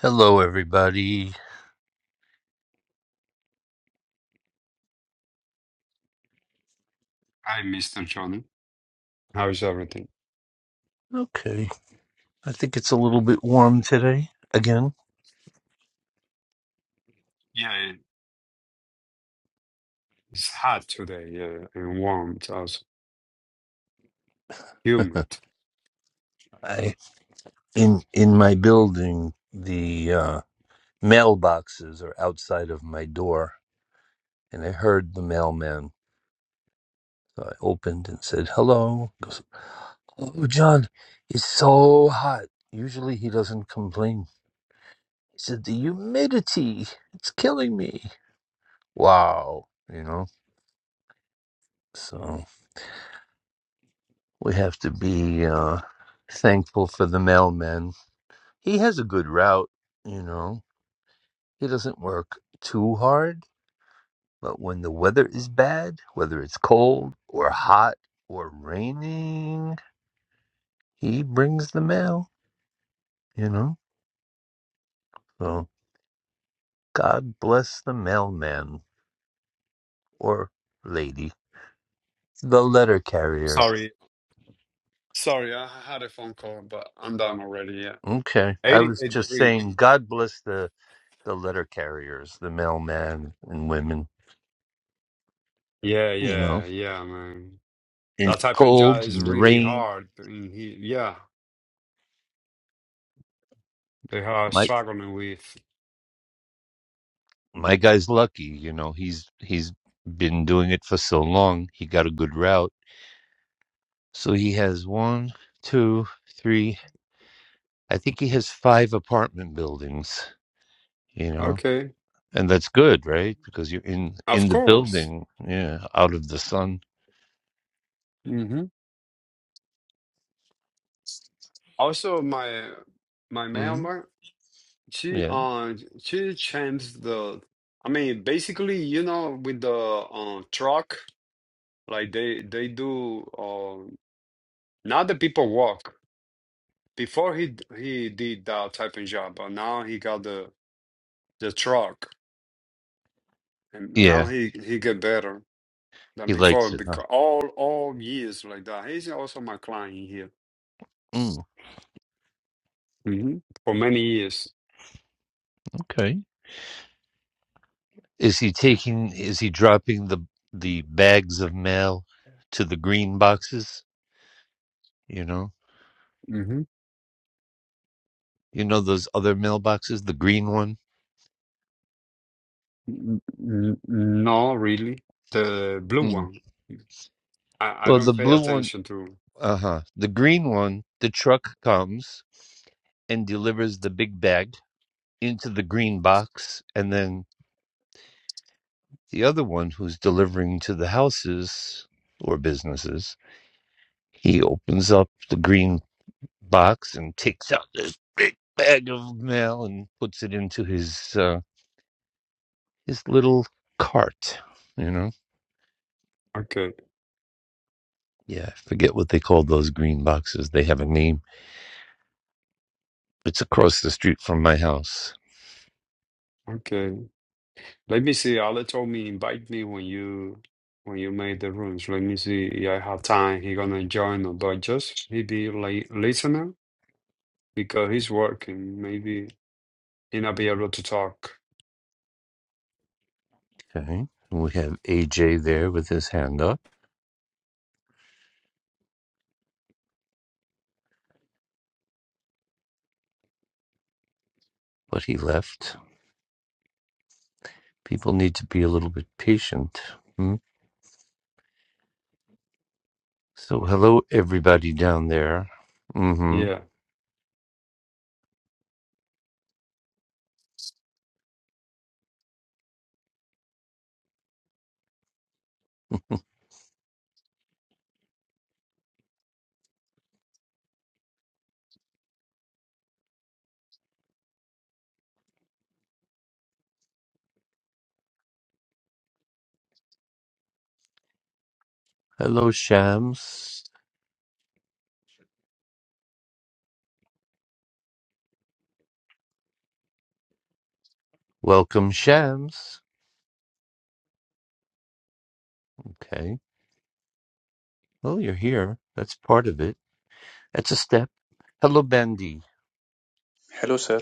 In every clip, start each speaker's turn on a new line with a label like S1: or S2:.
S1: Hello, everybody.
S2: Hi, Mr. John. How's everything?
S1: Okay, I think it's a little bit warm today. Again,
S2: Yeah, it's hot today, yeah, and warm, so it's also humid.
S1: I in in my building, the uh, mailboxes are outside of my door, and I heard the mailman. So I opened and said hello. He goes, oh, John, it's so hot. Usually he doesn't complain. He said the humidity, it's killing me. Wow, you know. So we have to be uh, thankful for the mailman He has a good route, you know. He doesn't work too hard, but when the weather is bad, whether it's cold or hot or raining, he brings the mail, you know. So God bless the mailman or lady, the letter carriers.
S2: Sorry, sorry, I had a phone call, but I'm done already, yeah.
S1: Okay, I was
S2: 88
S1: just
S2: degrees.
S1: saying, God bless the the letter carriers, the mailman and women,
S2: Yeah,
S1: you know,
S2: yeah, yeah, man.
S1: in
S2: That
S1: the
S2: type of
S1: cold
S2: job is
S1: and the
S2: really
S1: rain.
S2: hard. in he, yeah, they are
S1: My
S2: struggling with.
S1: my guy's lucky, you know. He's he's been doing it for so long. He got a good route. So he has one, two, three. I think he has five apartment buildings, you know.
S2: Okay,
S1: And that's good, right? Because you're in
S2: of
S1: in the
S2: course.
S1: building, yeah, out of the sun.
S2: hmm Also, my my
S1: Mm,
S2: mailman. She
S1: yeah.
S2: uh she changed the I mean basically you know with the uh, truck like they they do uh now the people walk before he d- he did that type of job but now he got the the truck and now
S1: Yeah,
S2: he he get better than
S1: he
S2: before
S1: likes it, huh?
S2: because all all years like that he's also my client here
S1: Mm,
S2: hmm for many years
S1: okay. Is he taking is he dropping the the bags of mail to the green boxes, you know?
S2: hmm
S1: You know those other mailboxes, the green one?
S2: N- n- no really the blue one I I
S1: Well, the
S2: don't pay
S1: blue one,
S2: attention to
S1: uh huh. The green one, the truck comes and delivers the big bag into the green box. And then the other one, who's delivering to the houses or businesses, he opens up the green box and takes out this big bag of mail and puts it into his uh, his little cart. You know, yeah, I forget what they call those green boxes. They have a name. It's across the street from my house.
S2: Okay. Let me see. Allah told me invite me when you when you made the rooms. Let me see if I have time. He gonna join or but just maybe be like listener because he's working. Maybe he not be able to talk.
S1: Okay. And we have AJ there with his hand up, but he left. People need to be a little bit patient. Hmm? So, hello, everybody down there. hmm
S2: Yeah.
S1: Hello, Shams. Welcome, Shams. Okay. Well, you're here. That's part of it. That's a step. Hello, Bandy.
S3: Hello, sir.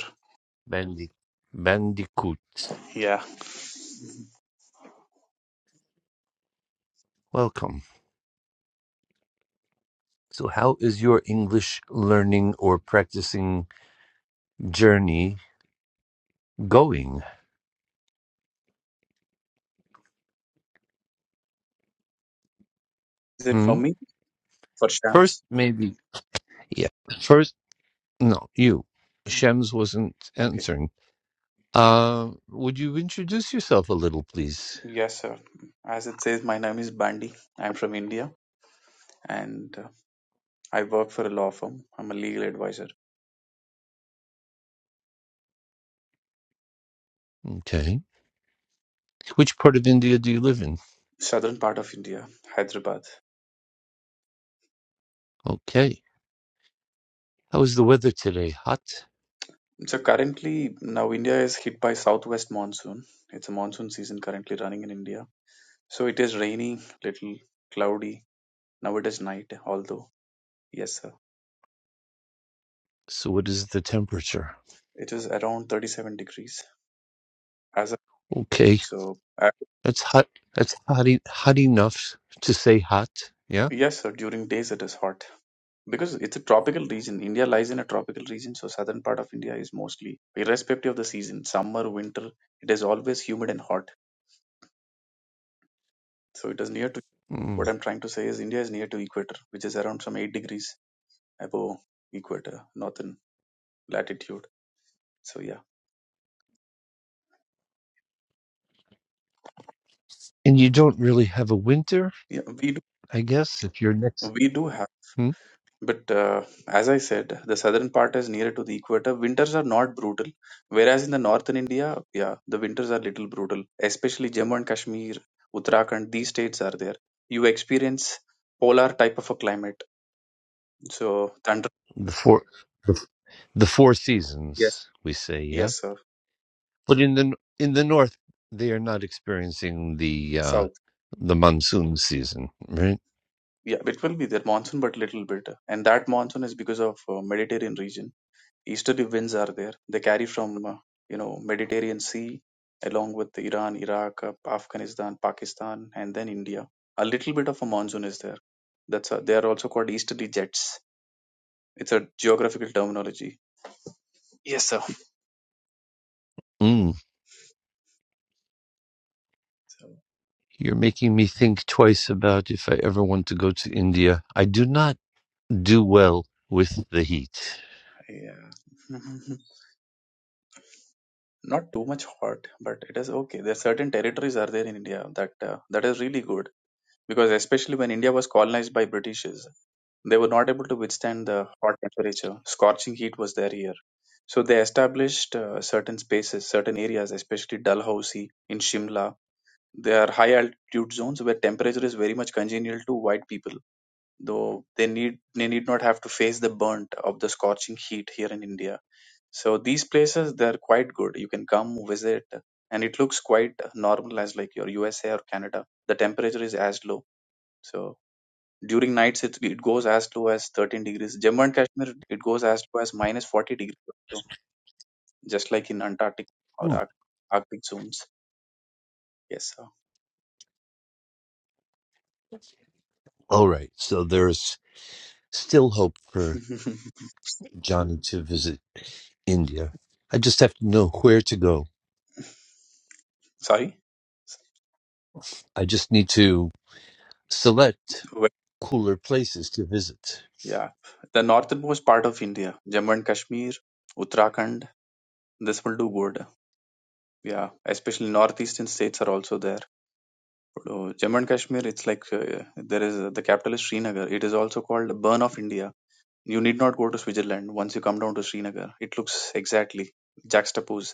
S1: Bandy. Bandicoot.
S3: Yeah.
S1: Welcome. So, how is your English learning or practicing journey going?
S3: Is it for
S1: Hmm?
S3: me? For
S1: First,
S3: Shams?
S1: maybe Yeah. First, no, you. Shems wasn't
S3: Okay.
S1: answering. Uh, would you introduce yourself a little, please?
S3: Yes, sir. As it says, my name is Bandy. I'm from India and uh, I work for a law firm. I'm a legal advisor.
S1: Okay. Which part of India do you live in?
S3: Southern part of India, Hyderabad.
S1: Okay. How is the weather today? Hot?
S3: So currently, now India is hit by southwest monsoon. It's a monsoon season currently running in India. So it is rainy, little cloudy. Now it is night, although, yes, sir.
S1: So, what is the temperature?
S3: It is around 37 degrees as of
S1: Okay.
S3: so. Uh,
S1: That's hot. That's hot, e- hot enough to say hot. Yeah.
S3: yes, sir. During days it is hot. because it's a tropical region india lies in a tropical region so southern part of india is mostly irrespective of the season summer winter it is always humid and hot so it is near to
S1: Mm.
S3: what i'm trying to say is india is near to equator which is around some 8 degrees above equator northern latitude so yeah
S1: And you don't really have a winter,
S3: yeah we do
S1: I guess, if you're next.
S3: we do have
S1: Hmm?
S3: But uh, as I said, the southern part is nearer to the equator. Winters are not brutal, whereas in the northern India, yeah, the winters are little brutal, especially Jammu and Kashmir, Uttarakhand. These states are there. You experience polar type of a climate. So thunder.
S1: The four. The, the four
S3: Yes.
S1: seasons, we say, yeah?
S3: Yes, sir.
S1: But in the in the north, they are not experiencing the uh,
S3: South.
S1: the monsoon season, right?
S3: Yeah, it will be there monsoon, but little bit, and that monsoon is because of uh, Mediterranean region. easterly winds are there. They carry from uh, you know Mediterranean Sea along with Iran, Iraq, uh, Afghanistan, Pakistan, and then India. A little bit of a monsoon is there. That's uh they are also called easterly jets. It's a geographical terminology. Yes, sir.
S1: Mm.
S3: So,
S1: You're making me think twice about if I ever want to go to India. I do not do well with the heat.
S3: yeah, not too much hot, but it is okay. There are certain territories are there in India that uh, that is really good because especially when India was colonized by British They were not able to withstand the hot temperature. Scorching heat was there here. So they established uh, certain spaces, certain areas, especially Dalhousie in Shimla. They are high altitude zones where temperature is very much congenial to white people, though they need they need not have to face the burnt of the scorching heat here in India. So these places they are quite good. You can come visit, and it looks quite normal as like your USA or Canada. The temperature is as low. So during nights, it, it goes as low as 13 degrees. Jammu and Kashmir, it goes as low as minus 40 degrees, also, just like in Antarctic or
S1: Hmm.
S3: Arc- Arctic zones. Yes,
S1: All right, so there's still hope for
S3: sir.
S1: Johnny to visit India. I just have to know where to go.
S3: Sorry?
S1: I just need to select
S3: Well,
S1: cooler places to visit.
S3: yeah. The northernmost part of India, Jammu and Kashmir, Uttarakhand, this will do good. Yeah, especially northeastern states are also there. So Jammu and Kashmir, it's like uh, there is uh, the capital is Srinagar. It is also called Burn of India You need not go to Switzerland. Once you come down to Srinagar, it looks exactly juxtapose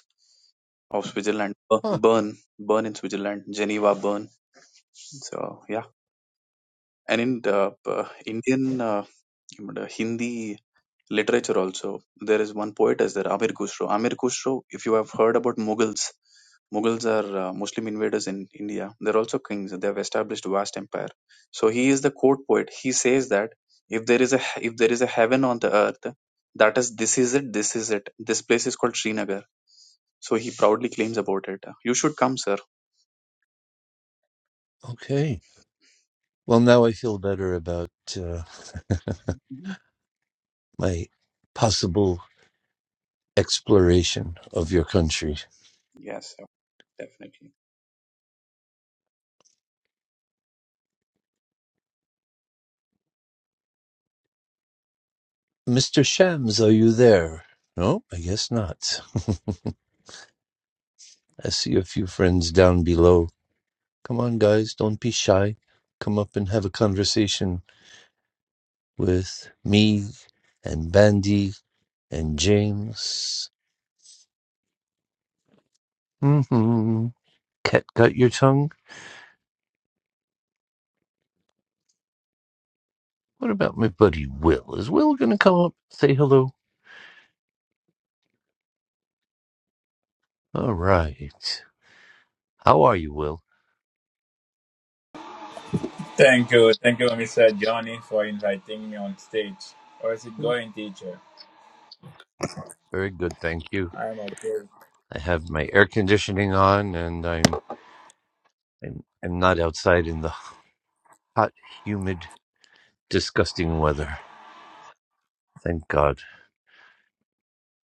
S3: of Switzerland. Uh,
S1: Huh.
S3: Bern, Bern in Switzerland, Geneva, Bern. So yeah, and in the uh, Indian uh, you know, Hindi literature also. There is one poet as there, Amir Khusro. Amir Khusro, if you have heard about Mughals, Mughals are uh, Muslim invaders in India. They're also kings. They have established a vast empire. So he is the court poet. He says that if there is a if there is a heaven on the earth, that is this is it. This is it. This place is called Srinagar. So he proudly claims about it. You should come, sir.
S1: Okay. Well, now I feel better about uh,
S3: Mhm.
S1: my possible exploration of your country.
S3: Yes, sir. Definitely.
S1: Mr. Shams, are you there? No, I guess not. I see a few friends down below. Come on, guys, don't be shy. Come up and have a conversation with me and Bandy and James. hmm Cat got your tongue? What about my buddy Will? Is Will going to come up, say hello? All right. How are you, Will?
S4: Thank you, thank you, Mr. Johnny, for inviting me on stage. How's it going, teacher?
S1: Very good, thank you.
S4: I'm okay.
S1: I have my air conditioning on and I'm I'm, I'm not outside in the hot, humid, disgusting weather. Thank God.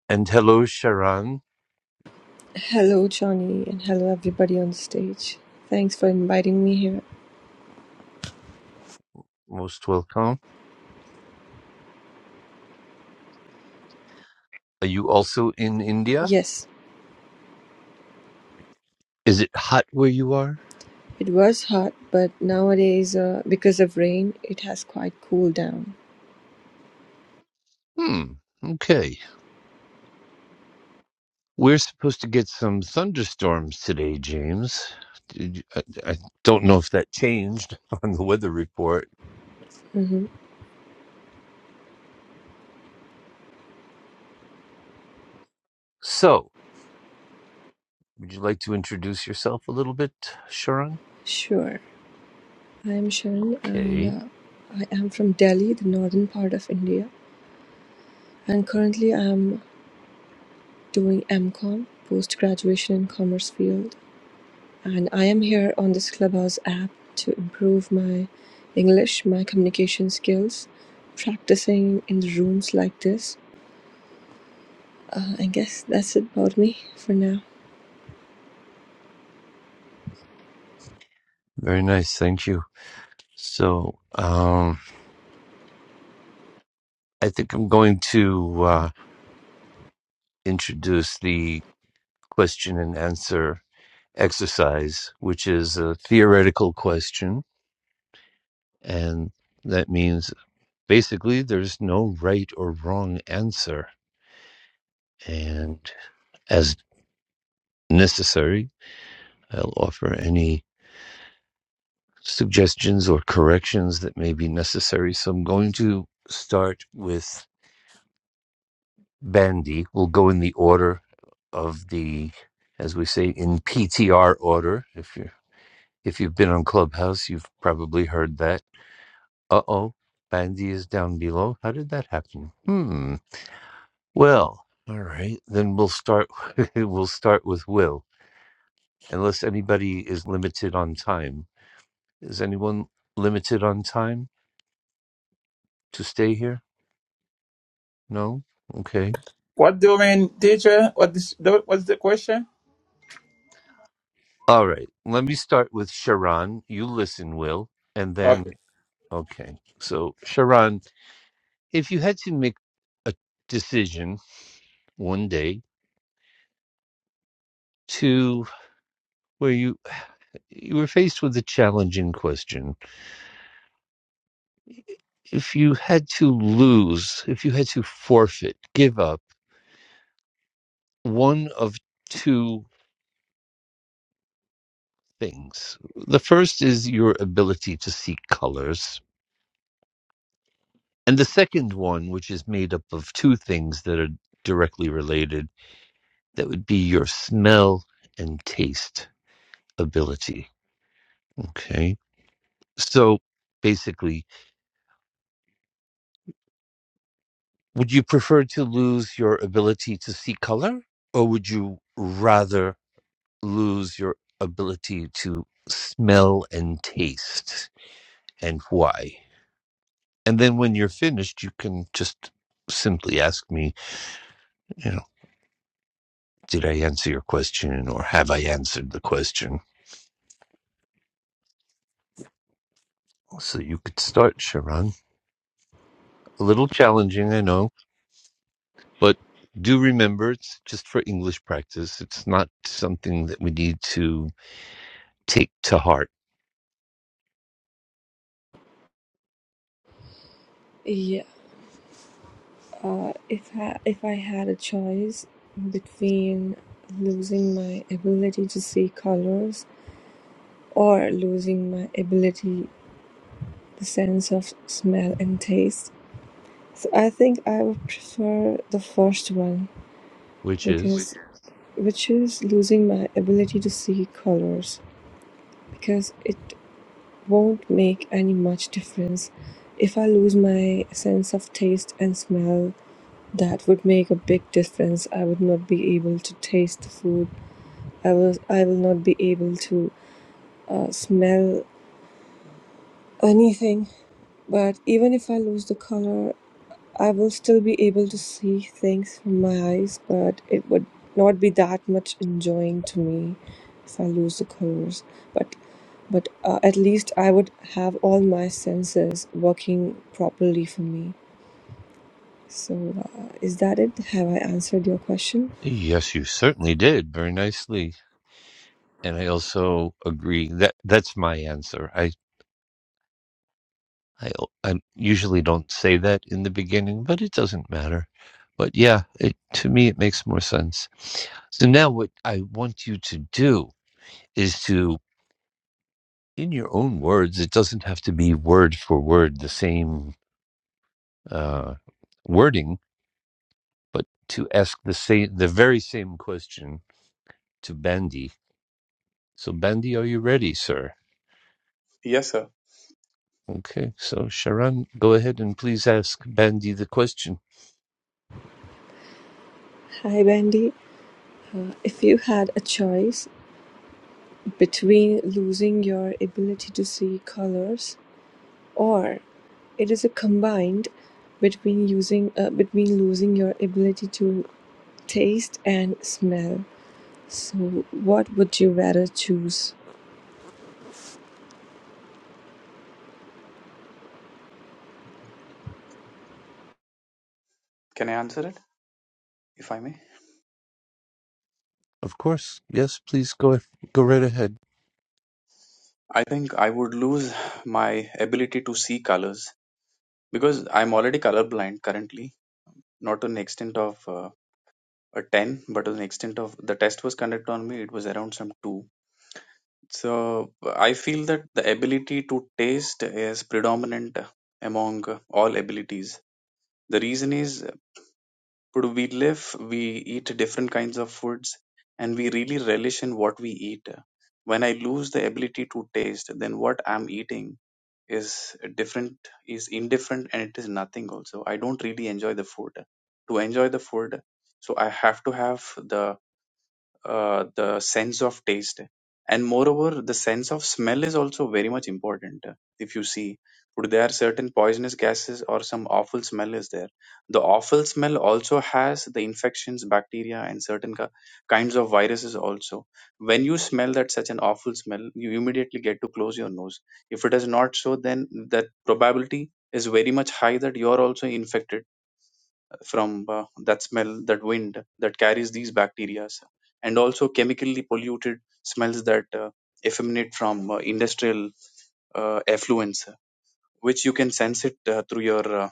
S1: And hello, Sharon.
S5: Hello, Johnny, and hello, everybody on stage. Thanks for inviting me here.
S1: Most welcome. Are you also in India?
S5: Yes,
S1: Is it hot where you are?
S5: it was hot, but nowadays, uh, because of rain, it has quite cooled down.
S1: Hmm. Okay. We're supposed to get some thunderstorms today, James. Did I I don't know if that changed on the weather report.
S5: hmm
S1: So, would you like to introduce yourself a little bit, Sharon?
S5: Sure. I am Sharon, and
S1: Okay.
S5: uh, I am from Delhi, the northern part of India. And currently, I am doing MCOM, post graduation in commerce field. And I am here on this Clubhouse app to improve my English, my communication skills, practicing in rooms like this Uh, I guess that's about me for now.
S1: Very nice. Thank you. So um, I think I'm going to uh, introduce the question and answer exercise, which is a theoretical question. And that means basically there's no right or wrong answer. And as necessary, I'll offer any suggestions or corrections that may be necessary. So I'm going to start with Bandy. will go in the order of the, as we say, in PTR order. If you if you've been on Clubhouse, you've probably heard that. Uh oh, Bandy is down below. How did that happen? Hmm. Well, all right. Then we'll start. we'll start with Will, unless anybody is limited on time. Is anyone limited on time to stay here? No. Okay.
S4: What doing, teacher? What is the, what's the question?
S1: All right. Let me start with Sharon. You listen, Will, and then
S4: Okay,
S1: Okay. So, Sharon, if you had to make a decision one day to where you you were faced with a challenging question, if you had to lose, if you had to forfeit, give up one of two things. The first is your ability to see colors, and the second one, which is made up of two things that are directly related, that would be your smell and taste ability. Okay So basically, would you prefer to lose your ability to see color or would you rather lose your ability to smell and taste and why? And then when you're finished, you can just simply ask me, you know, did I answer your question or have I answered the question? So you could start, Sharon. A little challenging, I know, but do remember it's just for English practice. It's not something that we need to take to heart,
S5: Yeah. Uh, if I if I had a choice between losing my ability to see colors or losing my ability, the sense of smell and taste, so I think I would prefer the first one
S1: which is,
S5: because which is losing my ability to see colors because it won't make any much difference if I lose my sense of taste and smell That would make a big difference. I would not be able to taste the food. I was I will not be able to uh, smell anything. But even if I lose the color, I will still be able to see things from my eyes. But it would not be that much enjoying to me if I lose the colors. But but uh, at least I would have all my senses working properly for me. So, uh, is that it? Have I answered your question?
S1: yes, you certainly did very nicely. And I also agree that that's my answer. I, I, I usually don't say that in the beginning, but it doesn't matter. But yeah, it, to me, it makes more sense. So now what I want you to do is to, in your own words, it doesn't have to be word for word, the same, uh, wording, but to ask the same, the very same question to Bandy So, Bandy, are you ready, sir?
S3: Yes, sir.
S1: Okay, so Sharon, go ahead and please ask Bandy the question.
S5: Hi, Bandy. If you had a choice between losing your ability to see colors or it is a combined between using uh, between losing your ability to taste and smell. So what would you rather choose?
S3: Can I answer it if I may?
S1: Of course, yes, please go go right ahead.
S3: I think I would lose my ability to see colors because I'm already colorblind currently, not to an extent of uh, a 10, but to an extent of the test was conducted on me, it was around some 2. So I feel that the ability to taste is predominant among all abilities. The reason is, uh, we live, we eat different kinds of foods, and we really relish in what we eat. When I lose the ability to taste, then what I'm eating is different is indifferent and it is nothing also i don't really enjoy the food to enjoy the food so i have to have the uh, the sense of taste and moreover the sense of smell is also very much important if you see would there are certain poisonous gases or some awful smell is there the awful smell also has the infections bacteria and certain ki- kinds of viruses also when you smell that such an awful smell you immediately get to close your nose if it is not so then that probability is very much high that you are also infected from uh, that smell, that wind that carries these bacteria, and also chemically polluted smells that uh, effeminate from uh, industrial uh, effluents, which you can sense it uh, through your uh,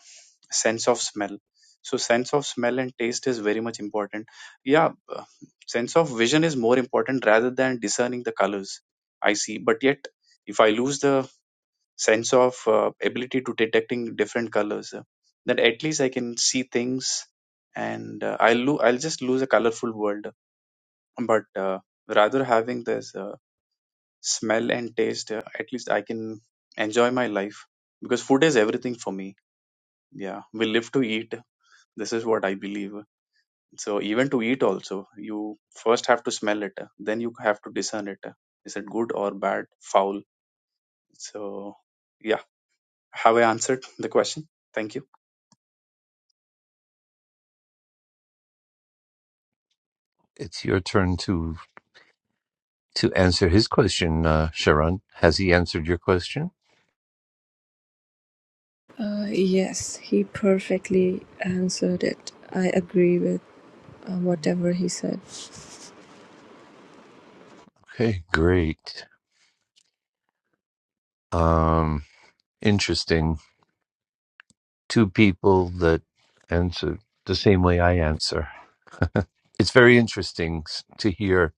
S3: sense of smell. So, sense of smell and taste is very much important. Yeah, uh, sense of vision is more important rather than discerning the colors I see. But yet, if I lose the sense of uh, ability to detecting different colors uh, that at least i can see things and uh, i'll lo- i'll just lose a colorful world but uh, rather having this uh, smell and taste uh, at least i can enjoy my life because food is everything for me yeah we live to eat this is what i believe so even to eat also you first have to smell it uh, then you have to discern it uh, is it good or bad foul so yeah have i answered the question thank you
S1: It's your turn to to answer his question, uh, Sharon. Has he answered your question?
S5: Uh, yes, he perfectly answered it. I agree with uh, whatever he said.
S1: Okay, great. Um, interesting. Two people that answer the same way I answer. It's very interesting s- to hear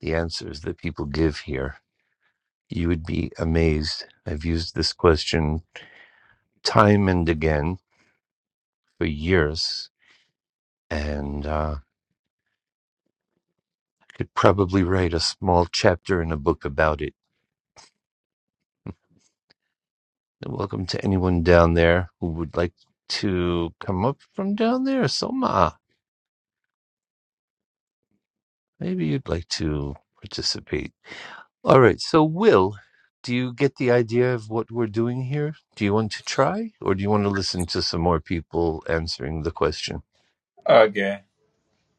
S1: the answers that people give here. You would be amazed. I've used this question time and again for years, and uh, could probably write a small chapter in a book about it. And Welcome to anyone down there who would like to come up from down there. Soma, maybe you'd like to participate. All right, so Will, do you get the idea of what we're doing here? Do you want to try, or do you want to listen to some more people answering the question?
S4: okay.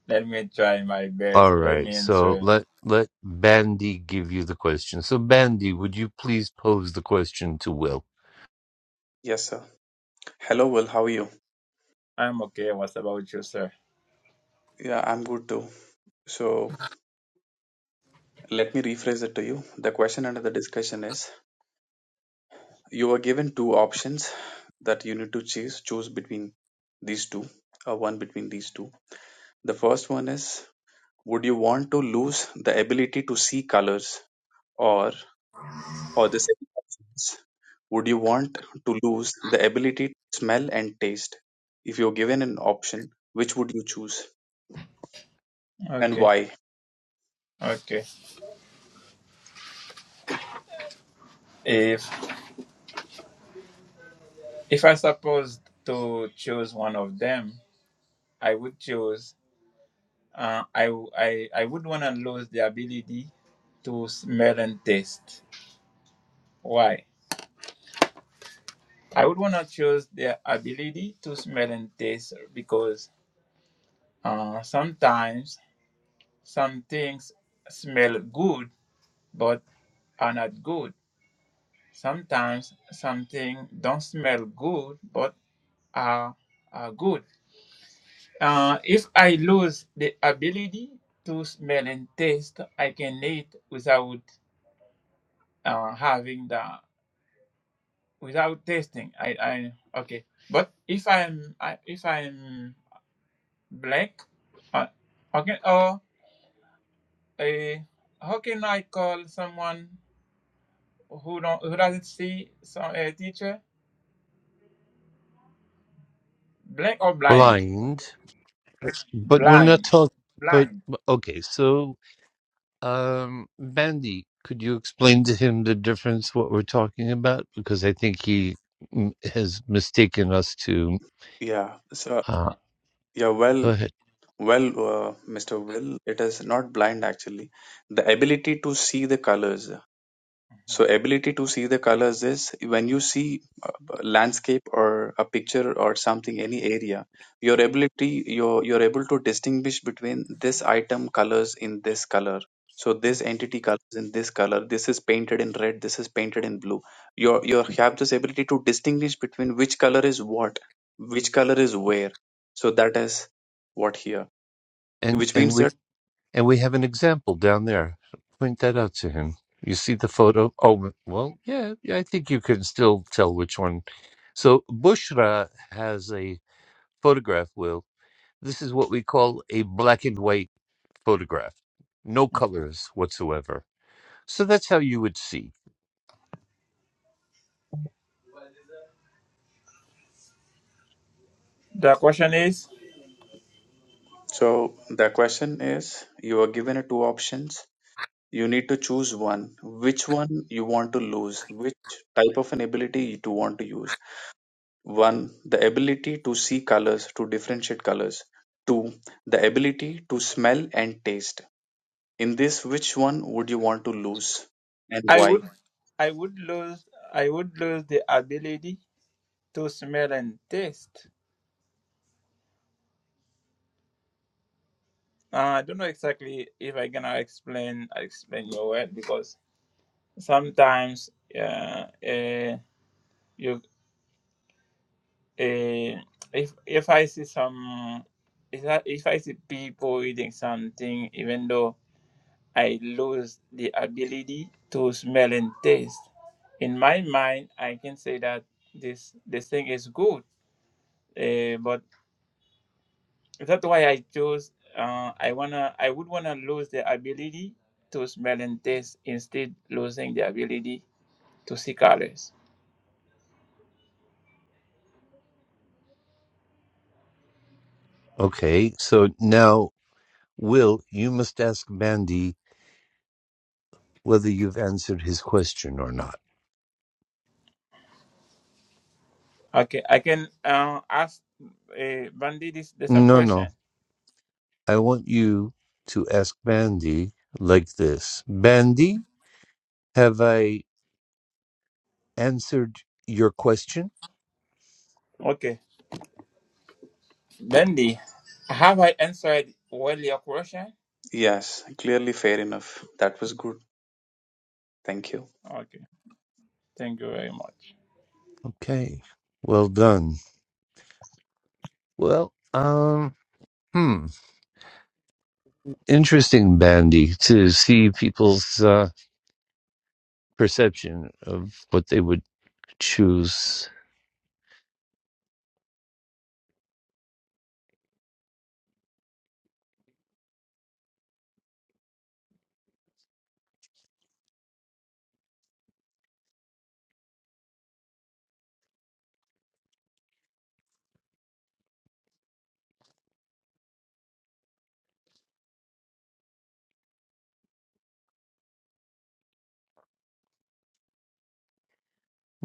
S4: Let me try my best.
S1: All
S4: Let
S1: right,
S4: me
S1: so
S4: answer.
S1: let let Bandy give you the question. So Bandy, would you please pose the question to Will?
S3: Yes, sir. Hello, Will. How are you?
S4: I'm okay. What about you, sir?
S3: Yeah, I'm good too. So let me rephrase it to you. The question under the discussion is you were given two options that you need to choose choose between these two, or one between these two. The first one is would you want to lose the ability to see colors or or the second option is would you want to lose the ability to smell and taste? If you're given an option, which would you choose and
S4: Okay,
S3: why?
S4: okay. If if I supposed to choose one of them, I would choose. Uh, I w- I I would wanna lose the ability to smell and taste. Why? I would want to choose their ability to smell and taste because uh, sometimes some things smell good but are not good. Sometimes something don't smell good but are, are good. Uh, if I lose the ability to smell and taste, I can eat without uh, having the without tasting. I, I okay. But if I'm I, if I'm Black, Uh, okay. Oh, a how can I call someone who don't who doesn't see some a teacher? Black or blind?
S1: Blind, but we're not
S4: Blind.
S1: talking. But
S4: Blind.
S1: okay, so um, Bandy, could you explain to him the difference what we're talking about? Because I think he mm, has mistaken us to.
S3: Yeah. So
S1: Uh,
S3: yeah,
S1: go
S3: well,
S1: ahead,
S3: Well, uh, Mr. Will, it is not blind actually. The ability to see the colors.
S4: Mhm.
S3: So, ability to see the colors is when you see a a landscape or a picture or something, any area, your ability, you're, you're able to distinguish between this item colors in this color. So, this entity colors in this color. This is painted in red. This is painted in blue. You're, you have this ability to distinguish between which color is what, which color is where. So, that is what here
S1: and
S3: which
S1: and
S3: means
S1: we
S3: that
S1: And we have an example down there. Point that out to him. You see the photo? Oh, well, yeah, yeah, I think you can still tell which one. So Bushra has a photograph, Will. This is what we call a black and white photograph, no colors whatsoever. So that's how you would see.
S4: The question is,
S3: so the question is you are given a two options you need to choose one which one you want to lose which type of an ability you do want to use one the ability to see colors to differentiate colors two the ability to smell and taste in this which one would you want to lose and
S4: I
S3: why
S4: would, I would lose, I would lose the ability to smell and taste. Uh, I don't know exactly if I gonna explain, I explain your word because sometimes, uh, uh, you Eh, if if I see some if I, if I see people eating something, even though I lose the ability to smell and taste, in my mind I can say that this this thing is good. Eh, but that's why I chose. Uh, I wanna I would wanna lose the ability to smell and taste instead losing the ability to see colors.
S1: Okay, so now, Will, you must ask Mandy whether you've answered his question or not.
S4: Okay, I can uh, ask uh, Bandy this the same
S1: No,
S4: question.
S1: no. I want you to ask Bandy like this Bandy, have I answered your question?
S4: Okay. Bendy, have I answered well your question?
S3: yes clearly fair enough that was good thank you
S4: Okay, thank you very much.
S1: Okay, well done. Well, um, hmm. Interesting, Bandy, to see people's uh, perception of what they would choose.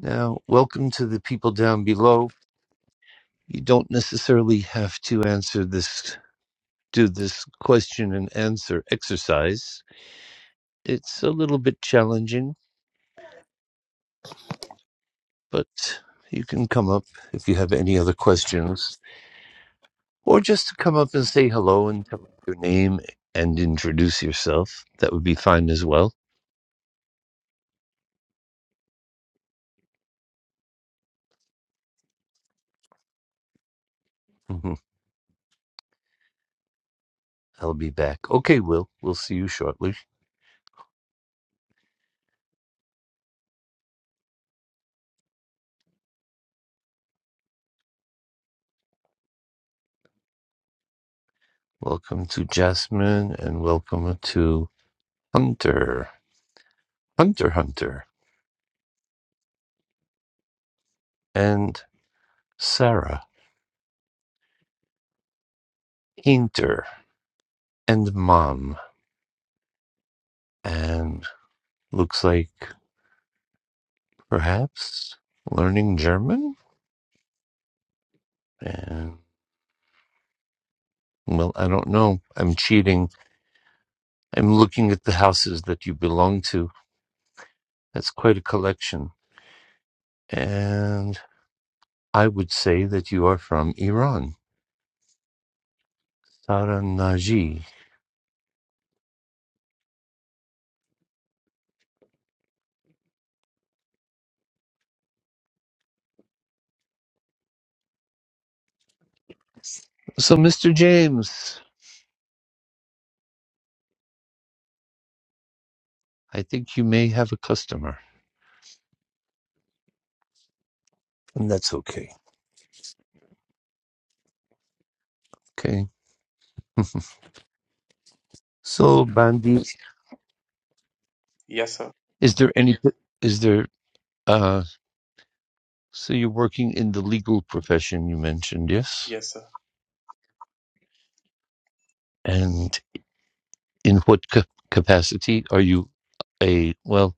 S1: Now, welcome to the people down below. You don't necessarily have to answer this do this question and answer exercise. It's a little bit challenging, but you can come up if you have any other questions, or just to come up and say hello and tell your name and introduce yourself. That would be fine as well. hmm I'll be back. Okay, Will. We'll see you shortly. Welcome to Jasmine and welcome to Hunter, Hunter, Hunter, and Sarah, Hinter, and Mom. And looks like Perhaps learning German? And well, I don't know. I'm cheating. I'm looking at the houses that you belong to. That's quite a collection. And I would say that you are from Iran. Saranaji. So, Mr. James, I think you may have a customer, and that's okay. Okay. So, Bandit,
S3: yes sir
S1: is there any, is there, uh, so you're working in the legal profession, you mentioned, yes?
S3: yes sir
S1: and. in what ca- capacity are you a well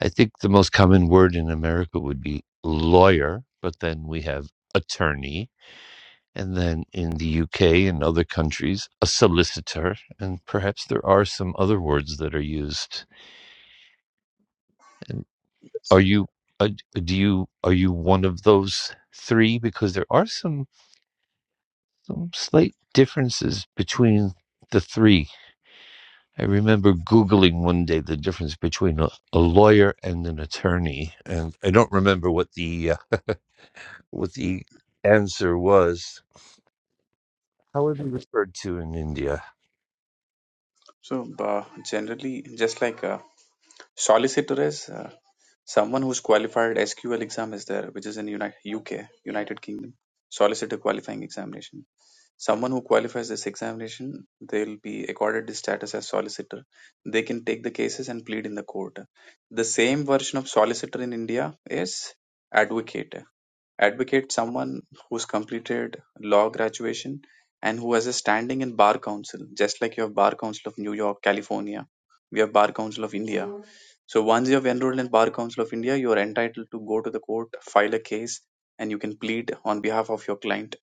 S1: i think the most common word in america would be lawyer but then we have attorney and then in the uk and other countries a solicitor and perhaps there are some other words that are used and
S3: yes
S1: are
S3: sir
S1: you uh, do you are you one of those three because there are some, some slight differences between the three I remember Googling one day the difference between a, a lawyer and an attorney, and I don't remember what the uh, what the answer was. How are they referred to in India?
S3: so uh, generally just like a solicitor is, uh, Someone who's qualified SQL exam is there, which is in Uni- UK, United Kingdom, solicitor qualifying examination. Someone who qualifies this examination, they'll be accorded the status as solicitor. They can take the cases and plead in the court. The same version of solicitor in India is advocate. Advocate someone who's completed law graduation and who has a standing in bar council, just like you have bar council of New York, California. We have bar council of India. So once you have enrolled in bar council of India, you are entitled to go to the court, file a case, and you can plead on behalf of your client.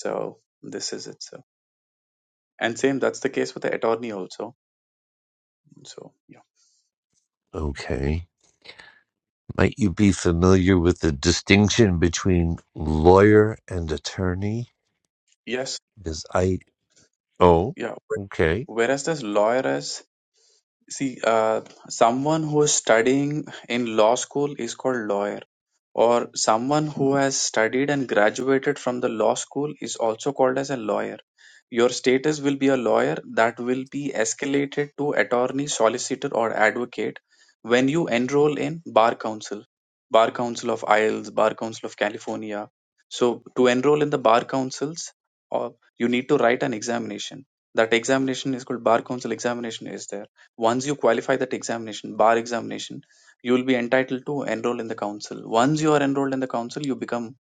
S3: So this is it. So and same that's the case with the attorney also. So yeah,
S1: Okay. Might you be familiar with the distinction between lawyer and attorney?
S3: yes,
S1: Because I oh,
S3: yeah.
S1: okay.
S3: Whereas this lawyer is See, uh, someone who is studying in law school is called lawyer, or someone who has studied and graduated from the law school is also called as a lawyer. Your status will be a lawyer that will be escalated to attorney, solicitor, or advocate when you enroll in Bar Council, Bar Council of Isles, Bar Council of California. So, to enroll in the Bar Councils, or you need to write an examination. That examination is called Bar Council examination is there once you qualify that examination, bar examination, you will be entitled to enroll in the council. Once you are enrolled in the council, you become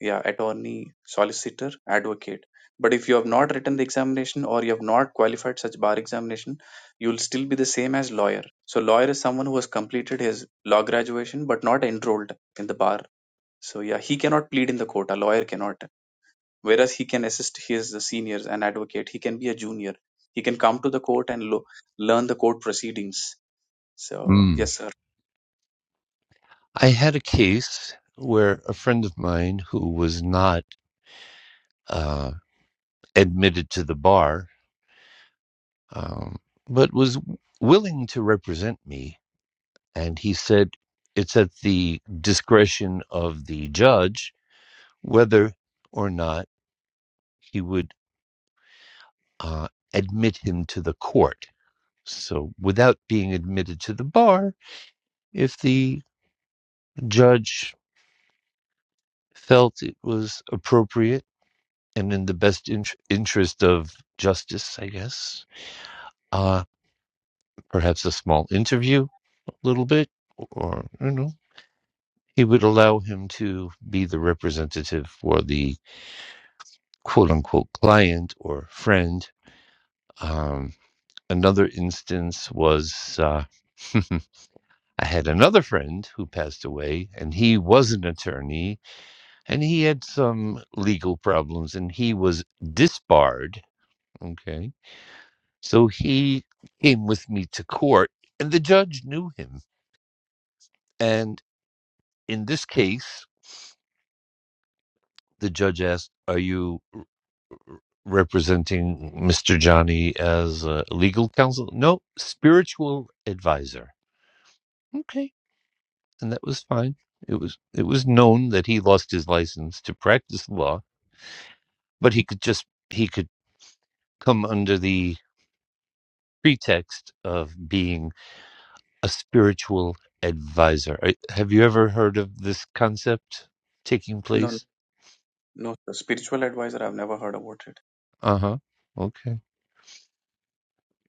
S3: yeah attorney, solicitor, advocate. But if you have not written the examination or you have not qualified such bar examination, you will still be the same as lawyer. So lawyer is someone who has completed his law graduation but not enrolled in the bar. So yeah, he cannot plead in the court. A lawyer cannot. Whereas he can assist his seniors and advocate. He can be a junior. He can come to the court and lo- learn the court proceedings so
S1: Hmm.
S3: yes, sir.
S1: I had a case where a friend of mine who was not uh, admitted to the bar um, but was willing to represent me. And he said it's at the discretion of the judge whether or not he would uh, admit him to the court. So, without being admitted to the bar, if the judge felt it was appropriate and in the best in- interest of justice, I guess, uh, perhaps a small interview, a little bit, or you know, It would allow him to be the representative for the quote unquote client or friend. Um, another instance was uh, I had another friend who passed away, and he was an attorney, and he had some legal problems, and he was disbarred. Okay. So he came with me to court, and the judge knew him. And in this case, the judge asked, Are you representing Mr. Johnny as uh, legal counsel. No, spiritual advisor. Okay, and that was fine. It was it was known that he lost his license to practice law, but he could just he could come under the pretext of being a spiritual advisor. I- Have you ever heard of this concept taking
S3: No,
S1: place?
S3: no, sir. spiritual advisor. I've never heard about it.
S1: Uh huh. Okay.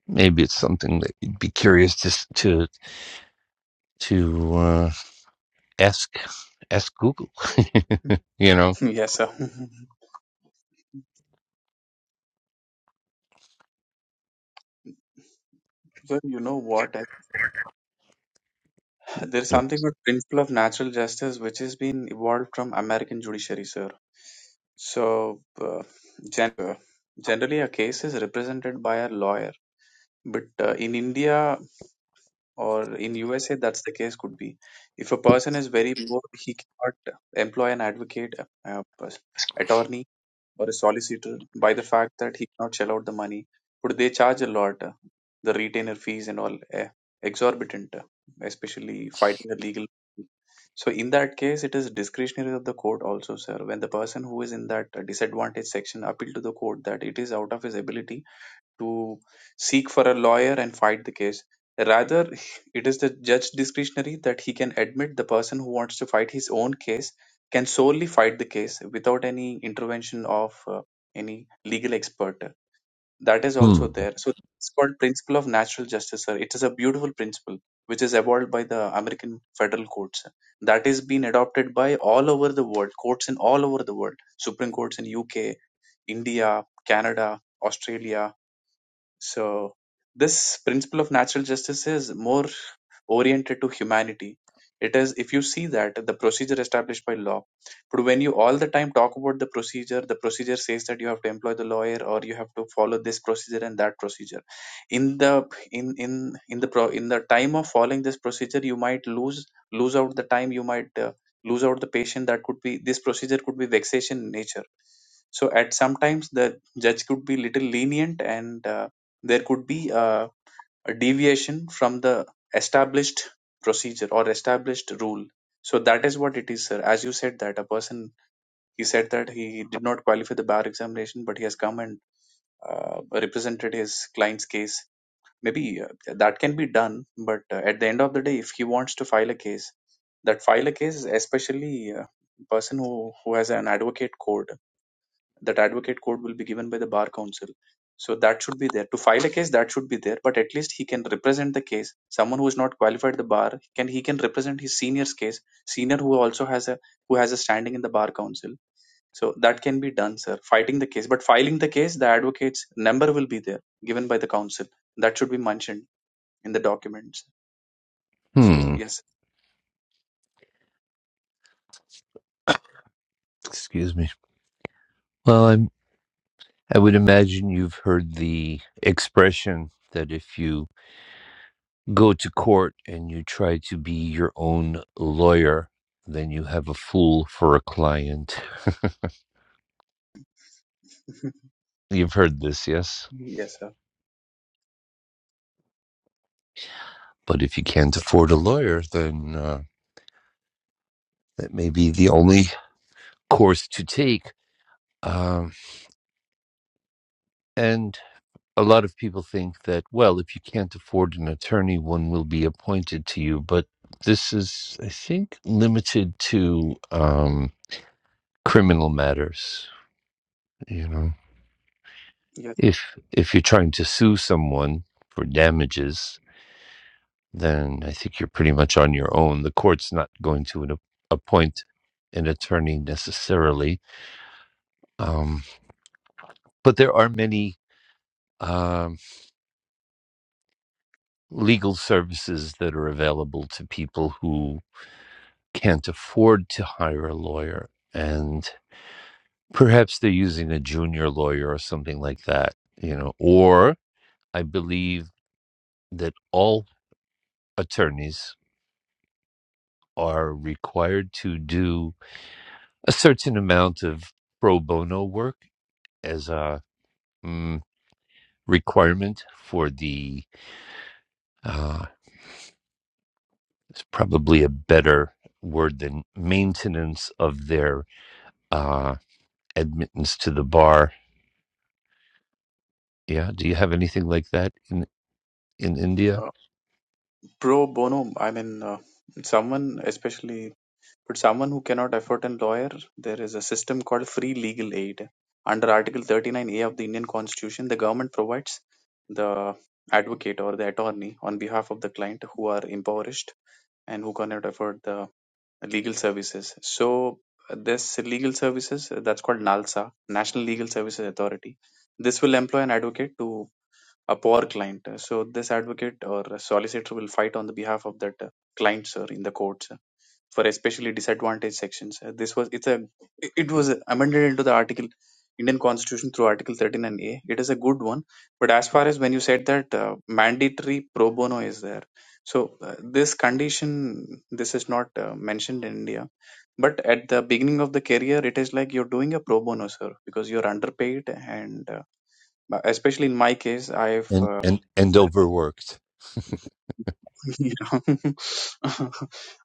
S1: Maybe it's something that you'd be curious to s- to to uh, ask ask Google. You know?
S3: yes, sir. so you know what? I- There's something called principle of natural justice, which has been evolved from American judiciary, sir. So uh, gen- uh, generally, a case is represented by a lawyer. But uh, in India or in USA, that's the case could be. If a person is very poor, he cannot employ an advocate, uh, pers- attorney or a solicitor by the fact that he cannot shell out the money. But they charge a lot, uh, the retainer fees and all, eh, exorbitant, uh, especially fighting the legal. So in that case, it is discretionary of the court also, sir. When the person who is in that disadvantaged section appeal to the court that it is out of his ability to seek for a lawyer and fight the case. Rather, it is the judge discretionary that he can admit the person who wants to fight his own case can solely fight the case without any intervention of uh, any legal expert. That is
S1: Hmm.
S3: also there. So it's called principle of natural justice. Sir. It is a beautiful principle which is evolved by the American federal courts. That is being adopted by all over the world, courts in all over the world, Supreme Courts in UK, India, Canada, Australia, so this principle of natural justice is more oriented to humanity. It is, if you see that the procedure established by law, but when you all the time talk about the procedure, the procedure says that you have to employ the lawyer or you have to follow this procedure and that procedure. In the in in in the pro, in the time of following this procedure, you might lose lose out the time. You might uh, lose out the patient. That could be this procedure could be vexation in nature so at sometimes the judge could be little lenient and uh, there could be a, a deviation from the established procedure or established rule. So that is what it is, sir. As you said that a person, he said that he did not qualify the bar examination, but he has come and uh, represented his client's case. Maybe uh, that can be done, but uh, at the end of the day, if he wants to file a case, that file a case, especially a person who, who has an advocate code that advocate code will be given by the bar counsel so that should be there to file a case that should be there but at least he can represent the case someone who is not qualified at the bar can he can represent his senior's case senior who also has a who has a standing in the bar council so that can be done sir fighting the case but filing the case the advocate's number will be there given by the council that should be mentioned in the documents so
S1: Hmm.
S3: yes
S1: Excuse me. Well, I'm, I would imagine you've heard the expression that if you go to court and you try to be your own lawyer, then you have a fool for a client. You've heard this, yes?
S3: yes sir
S1: But if you can't afford a lawyer, then uh, that may be the only course to take. Um, and a lot of people think that, well, if you can't afford an attorney, one will be appointed to you. But this is, I think, limited to um, criminal matters. You know,
S3: yes
S1: if if you're trying to sue someone for damages, then I think you're pretty much on your own. The court's not going to an, appoint an attorney necessarily, um, but there are many um, legal services that are available to people who can't afford to hire a lawyer and perhaps they're using a junior lawyer or something like that you know or i believe that all attorneys are required to do a certain amount of pro bono work as a mm, requirement for the uh, it's probably a better word than maintenance of their uh, admittance to the bar yeah do you have anything like that in in india
S3: uh, pro bono i mean uh, someone especially But someone who cannot afford a lawyer, there is a system called free legal aid. Under Article 39A of the Indian Constitution, the government provides the advocate or the attorney on behalf of the client who are impoverished and who cannot afford the legal services. So, this legal services uh, that's called NALSA, National Legal Services Authority. This will employ an advocate to a poor client. So, this advocate or solicitor will fight on the behalf of that uh, client, sir, in the courts for especially disadvantaged sections. Uh, This was it's a it was amended into the article Indian Constitution through Article 13 and A. It is a good one, but as far as when you said that uh, mandatory pro bono is there, so uh, this condition this is not uh, mentioned in India. But at the beginning of the career, it is like you're doing a pro bono, sir, because you're underpaid, and uh, especially in my case, I've
S1: and
S3: uh,
S1: and and overworked.
S3: you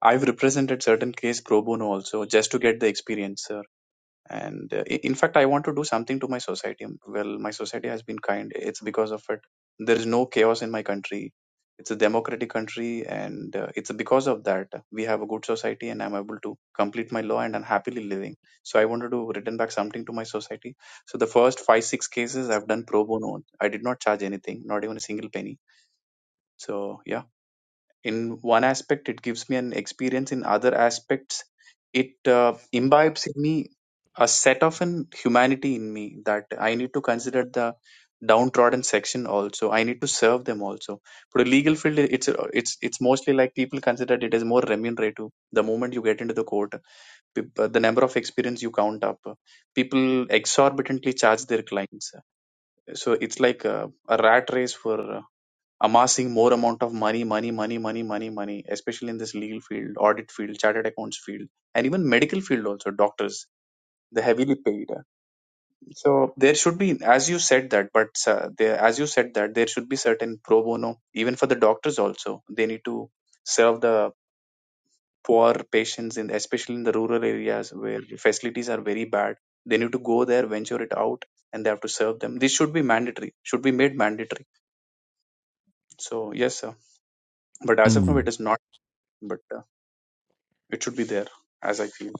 S3: i've represented certain case pro bono also just to get the experience sir and uh, i- in fact i want to do something to my society well my society has been kind it's because of it there is no chaos in my country it's a democratic country and uh, it's because of that we have a good society and i'm able to complete my law and i'm happily living so i wanted to return back something to my society so the first five six cases i've done pro bono i did not charge anything not even a single penny so yeah in one aspect it gives me an experience in other aspects it uh, imbibes in me a set of an humanity in me that i need to consider the downtrodden section also i need to serve them also for the legal field it's uh, it's it's mostly like people consider it as more remunerative the moment you get into the court peop- uh, the number of experience you count up people exorbitantly charge their clients so it's like a, a rat race for amassing more amount of money, money, money, money, money, money, especially in this legal field, audit field, chartered accounts field, and even medical field also, doctors, the heavily paid. So there should be, as you said that, but uh, there, as you said that, there should be certain pro bono, even for the doctors also. They need to serve the poor patients in, especially in the rural areas where the facilities are very bad. They need to go there, venture it out, and they have to serve them. This should be mandatory, should be made mandatory. So yes, sir. But as of now,
S1: Hmm.
S3: it is not. But uh, It should be there, as I feel.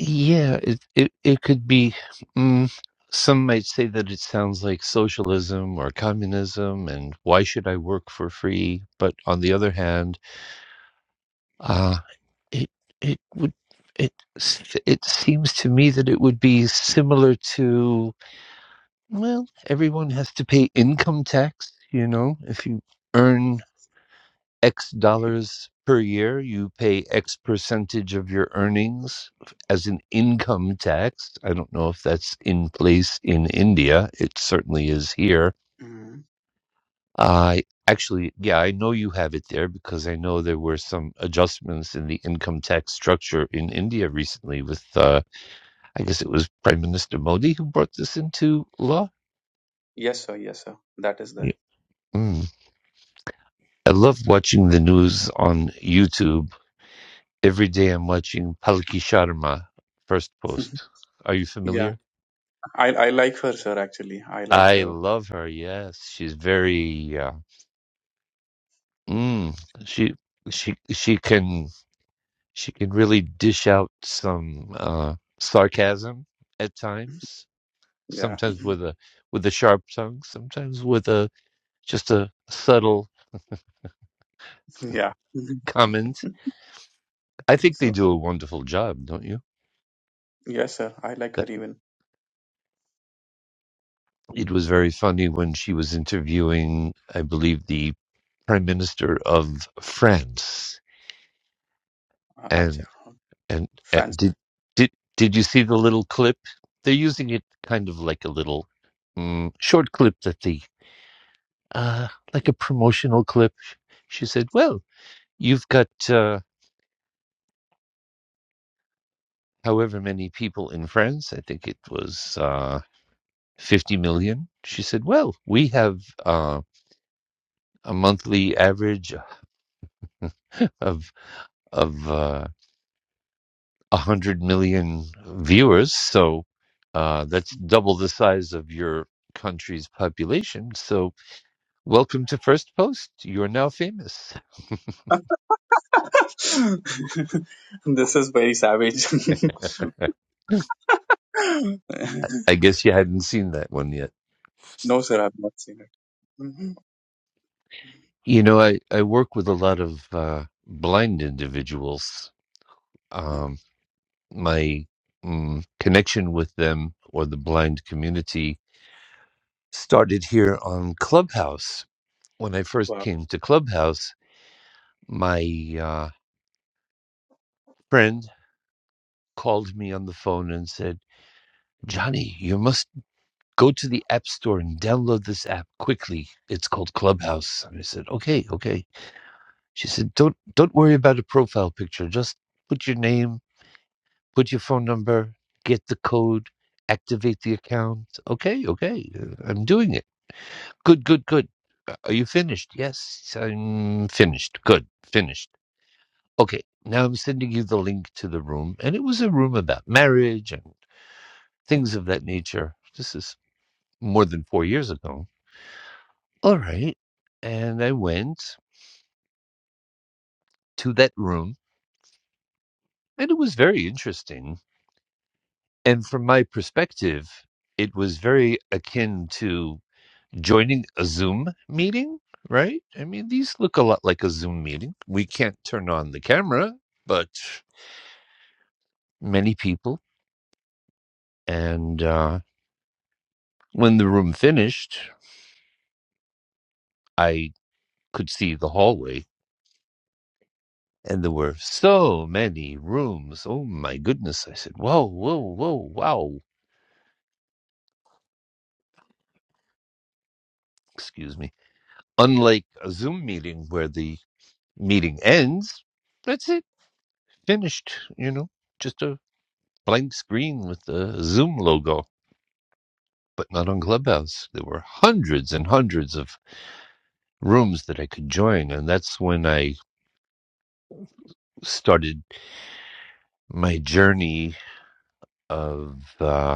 S1: Yeah, it it, it could be. Mm, some might say that it sounds like socialism or communism, and why should I work for free? But on the other hand, uh, it it would it s- it seems to me that it would be similar to well, everyone has to pay income tax. You know, if you earn X dollars per year, you pay X percentage of your earnings as an income tax. I don't know if that's in place in India. It certainly is here.
S3: Mm.
S1: I uh, actually, yeah, I know you have it there because I know there were some adjustments in the income tax structure in India recently with, uh, I guess it was Prime Minister Modi who brought this into law.
S3: Yes, sir. Yes, sir. That is
S1: Yeah.
S3: there.
S1: Mm. I love watching the news on YouTube Every day I'm watching Palki Sharma, First Post. Are you
S3: yeah,
S1: familiar?
S3: I I like her, sir. Actually, I like
S1: I
S3: her.
S1: love her. Yes, she's very. Uh, mm, she she she can she can really dish out some uh, sarcasm at times.
S3: Yeah,
S1: Sometimes
S3: Mhm.
S1: with a with a sharp tongue. Sometimes with a just a subtle
S3: yeah. Mhm.
S1: comment. I think
S3: So
S1: they do a wonderful job, don't you?
S3: yes, sir. I like her
S1: That-
S3: even.
S1: It was very funny when she was interviewing, I believe, the prime minister of France.
S3: Uh,
S1: And
S3: acha,
S1: and, and
S3: France.
S1: did did did you see the little clip? They're using it kind of like a little mm, short clip that the uh, like a promotional clip. She said, "Well, you've got uh, however many people in France. I think it was uh, fifty million." She said, "Well, we have uh, a monthly average of of." Uh, 100 million viewers. So uh, that's double the size of your country's population. So welcome to First Post. You're now famous.
S3: this is very savage.
S1: I guess you hadn't seen that one yet.
S3: no, sir. I've not seen it. Mhm.
S1: You know, I, I work with a lot of uh, blind individuals.
S3: Uh,
S1: Um, my mm, connection with them or the blind community started here on Clubhouse. When I first
S3: Wow.
S1: came to Clubhouse, my uh, friend called me on the phone and said, Johnny, you must go to the App Store and download this app quickly. It's called Clubhouse. And I said, Okay, okay. She said, Don't don't worry about a profile picture. Just put your name, put your phone number, get the code, activate the account. Okay, okay. uh, I'm doing it. Good, good, good. Uh, Are you finished? Yes, I'm finished. Good, finished. Okay. Now I'm sending you the link to the room. And it was a room about marriage and. things of that nature. This is more than four years ago. All right. And I went to that room, and it was very interesting. And from my perspective, it was very akin to joining a Zoom meeting, right? I mean, these look a lot like a Zoom meeting. We can't turn on the camera, but many people. And uh, when the room finished, I could see the hallway And there were so many rooms. Oh my goodness. I said, whoa, whoa, whoa, wow. Excuse me. Unlike a Zoom meeting where the meeting ends, that's it. Finished, you know, just a blank screen with the Zoom logo, but not on Clubhouse. There were hundreds and hundreds of rooms that I could join. And that's when I started my journey of, uh,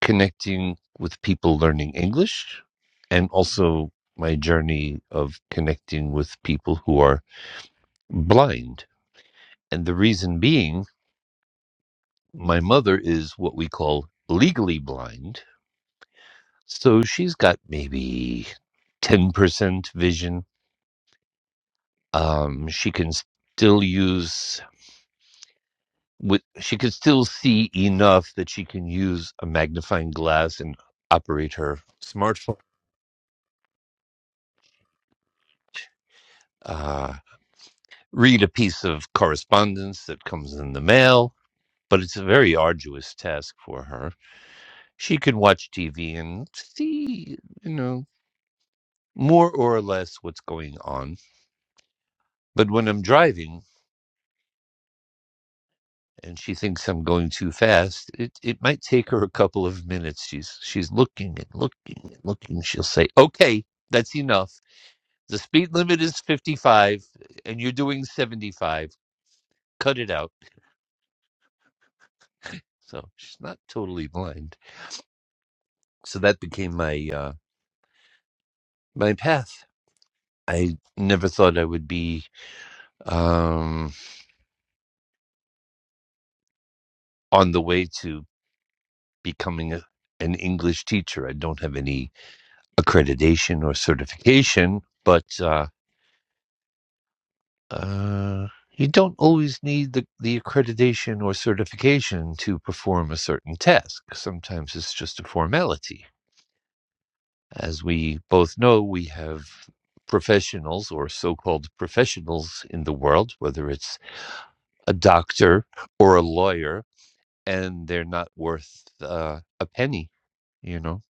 S1: connecting with people learning English and also my journey of connecting with people who are blind. And the reason being, my mother is what we call legally blind. So she's got maybe 10% vision. Um, she can still use. With, she can still see enough that she can use a magnifying glass and operate her smartphone. Uh, read a piece of correspondence that comes in the mail, but it's a very arduous task for her. She can watch TV and see, you know, more or less what's going on. But when I'm driving and she thinks I'm going too fast, it, it might take her a couple of minutes. She's she's looking and looking and looking. She'll say, Okay, that's enough. The speed limit is fifty five and you're doing seventy five. Cut it out. So she's not totally blind. So that became my uh my path. I never thought I would be um, on the way to becoming a, an English teacher. I don't have any accreditation or certification, but uh, uh, you don't always need the, the accreditation or certification to perform a certain task. Sometimes it's just a formality. As we both know, we have professionals or so called professionals in the world, whether it's a doctor or a lawyer and they're not worth, uh, a penny, you know,